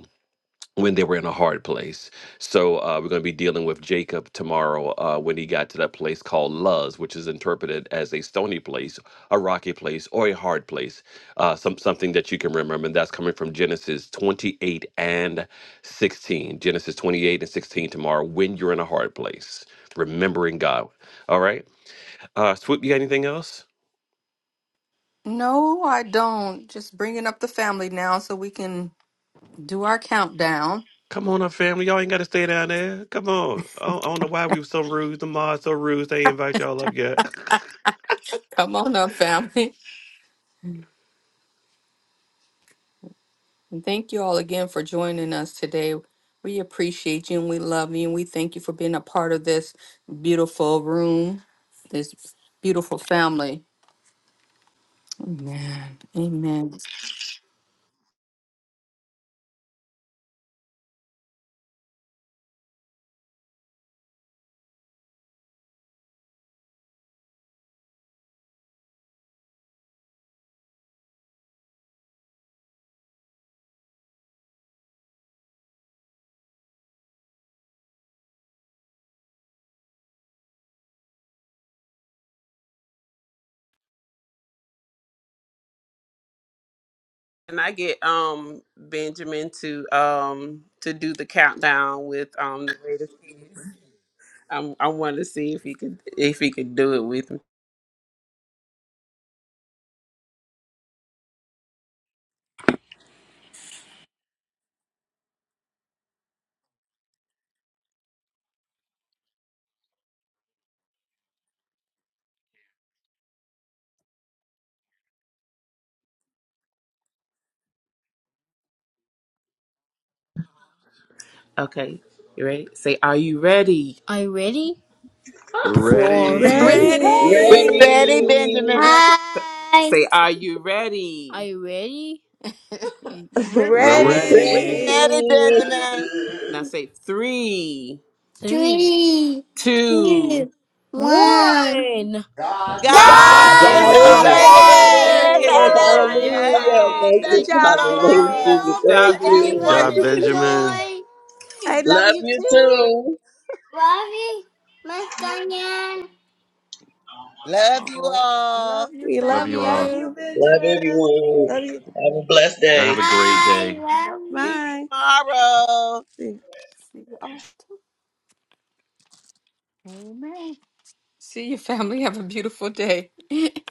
Speaker 3: when they were in a hard place. So uh, we're going to be dealing with Jacob tomorrow uh, when he got to that place called Luz, which is interpreted as a stony place, a rocky place, or a hard place. Uh, some something that you can remember, and that's coming from Genesis 28 and 16. Genesis 28 and 16 tomorrow when you're in a hard place, remembering God. All right, uh, Swoop, you got anything else?
Speaker 1: No, I don't. Just bringing up the family now so we can do our countdown.
Speaker 3: Come on up, family. Y'all ain't got to stay down there. Come on. I don't, I don't know why we were so rude. The mods so rude. They ain't invite y'all up yet.
Speaker 1: Come on up, family. And thank you all again for joining us today. We appreciate you and we love you and we thank you for being a part of this beautiful room, this beautiful family. Amen. Amen.
Speaker 11: And I get um Benjamin to um to do the countdown with um the greatest hits. I'm, I want to see if he could if he could do it with me. Okay, you ready? Say, are you ready? Are you ready?
Speaker 3: We're
Speaker 11: Four, three.
Speaker 3: ready.
Speaker 9: Ready.
Speaker 2: We're
Speaker 1: Ready?
Speaker 9: Ready.
Speaker 2: ready,
Speaker 10: Ready,
Speaker 2: Benjamin.
Speaker 13: Five,
Speaker 11: Say, are you Are ready? you ready?
Speaker 1: We're
Speaker 3: We're
Speaker 2: We're
Speaker 3: ready.
Speaker 9: Ready?
Speaker 1: ready.
Speaker 2: ready,
Speaker 10: ready.
Speaker 9: Ready.
Speaker 2: Benjamin.
Speaker 11: Now say three, Three,
Speaker 13: three,
Speaker 11: two.
Speaker 13: two, one.
Speaker 11: one.
Speaker 9: God's God,
Speaker 11: God
Speaker 9: God
Speaker 10: God
Speaker 2: God
Speaker 3: God's
Speaker 11: is
Speaker 2: is
Speaker 3: over
Speaker 1: God's
Speaker 10: is
Speaker 13: God
Speaker 9: is
Speaker 2: over
Speaker 1: over
Speaker 3: this.
Speaker 9: in.
Speaker 11: over
Speaker 10: over
Speaker 13: is!
Speaker 1: this.
Speaker 2: this.
Speaker 10: this.
Speaker 11: this.
Speaker 1: Yay!
Speaker 11: God is
Speaker 10: Hallelujah.
Speaker 2: Hallelujah.
Speaker 10: Thank
Speaker 9: Good
Speaker 10: you,
Speaker 11: Yay!
Speaker 2: Thank you,
Speaker 9: job,
Speaker 10: Father.
Speaker 13: I love
Speaker 10: Thank
Speaker 13: you,
Speaker 10: you.
Speaker 2: Lord.
Speaker 9: Benjamin.
Speaker 11: Good
Speaker 13: Obi.
Speaker 11: job,
Speaker 10: Thank
Speaker 2: Thank you
Speaker 13: I
Speaker 11: baby.
Speaker 3: Good
Speaker 2: for
Speaker 10: you.
Speaker 3: job,
Speaker 2: this
Speaker 13: love you,
Speaker 3: Benjamin.
Speaker 2: day.
Speaker 13: Joy.
Speaker 9: I love
Speaker 10: Love
Speaker 9: you
Speaker 10: you
Speaker 9: too.
Speaker 10: too.
Speaker 13: Love you, Mr. Yan.
Speaker 2: Love you all.
Speaker 1: Love you,
Speaker 9: We
Speaker 3: Love
Speaker 9: love you.
Speaker 3: you
Speaker 9: love
Speaker 3: all.
Speaker 1: family.
Speaker 9: you.
Speaker 10: Love
Speaker 9: Benjamin.
Speaker 10: everyone.
Speaker 9: Love you.
Speaker 10: Have a blessed
Speaker 3: Y'all
Speaker 10: day.
Speaker 3: have a great
Speaker 13: I
Speaker 3: day.
Speaker 13: love you.
Speaker 2: See you tomorrow.
Speaker 9: Bye.
Speaker 1: See you. Oh, amen. See you, family. Have a beautiful day.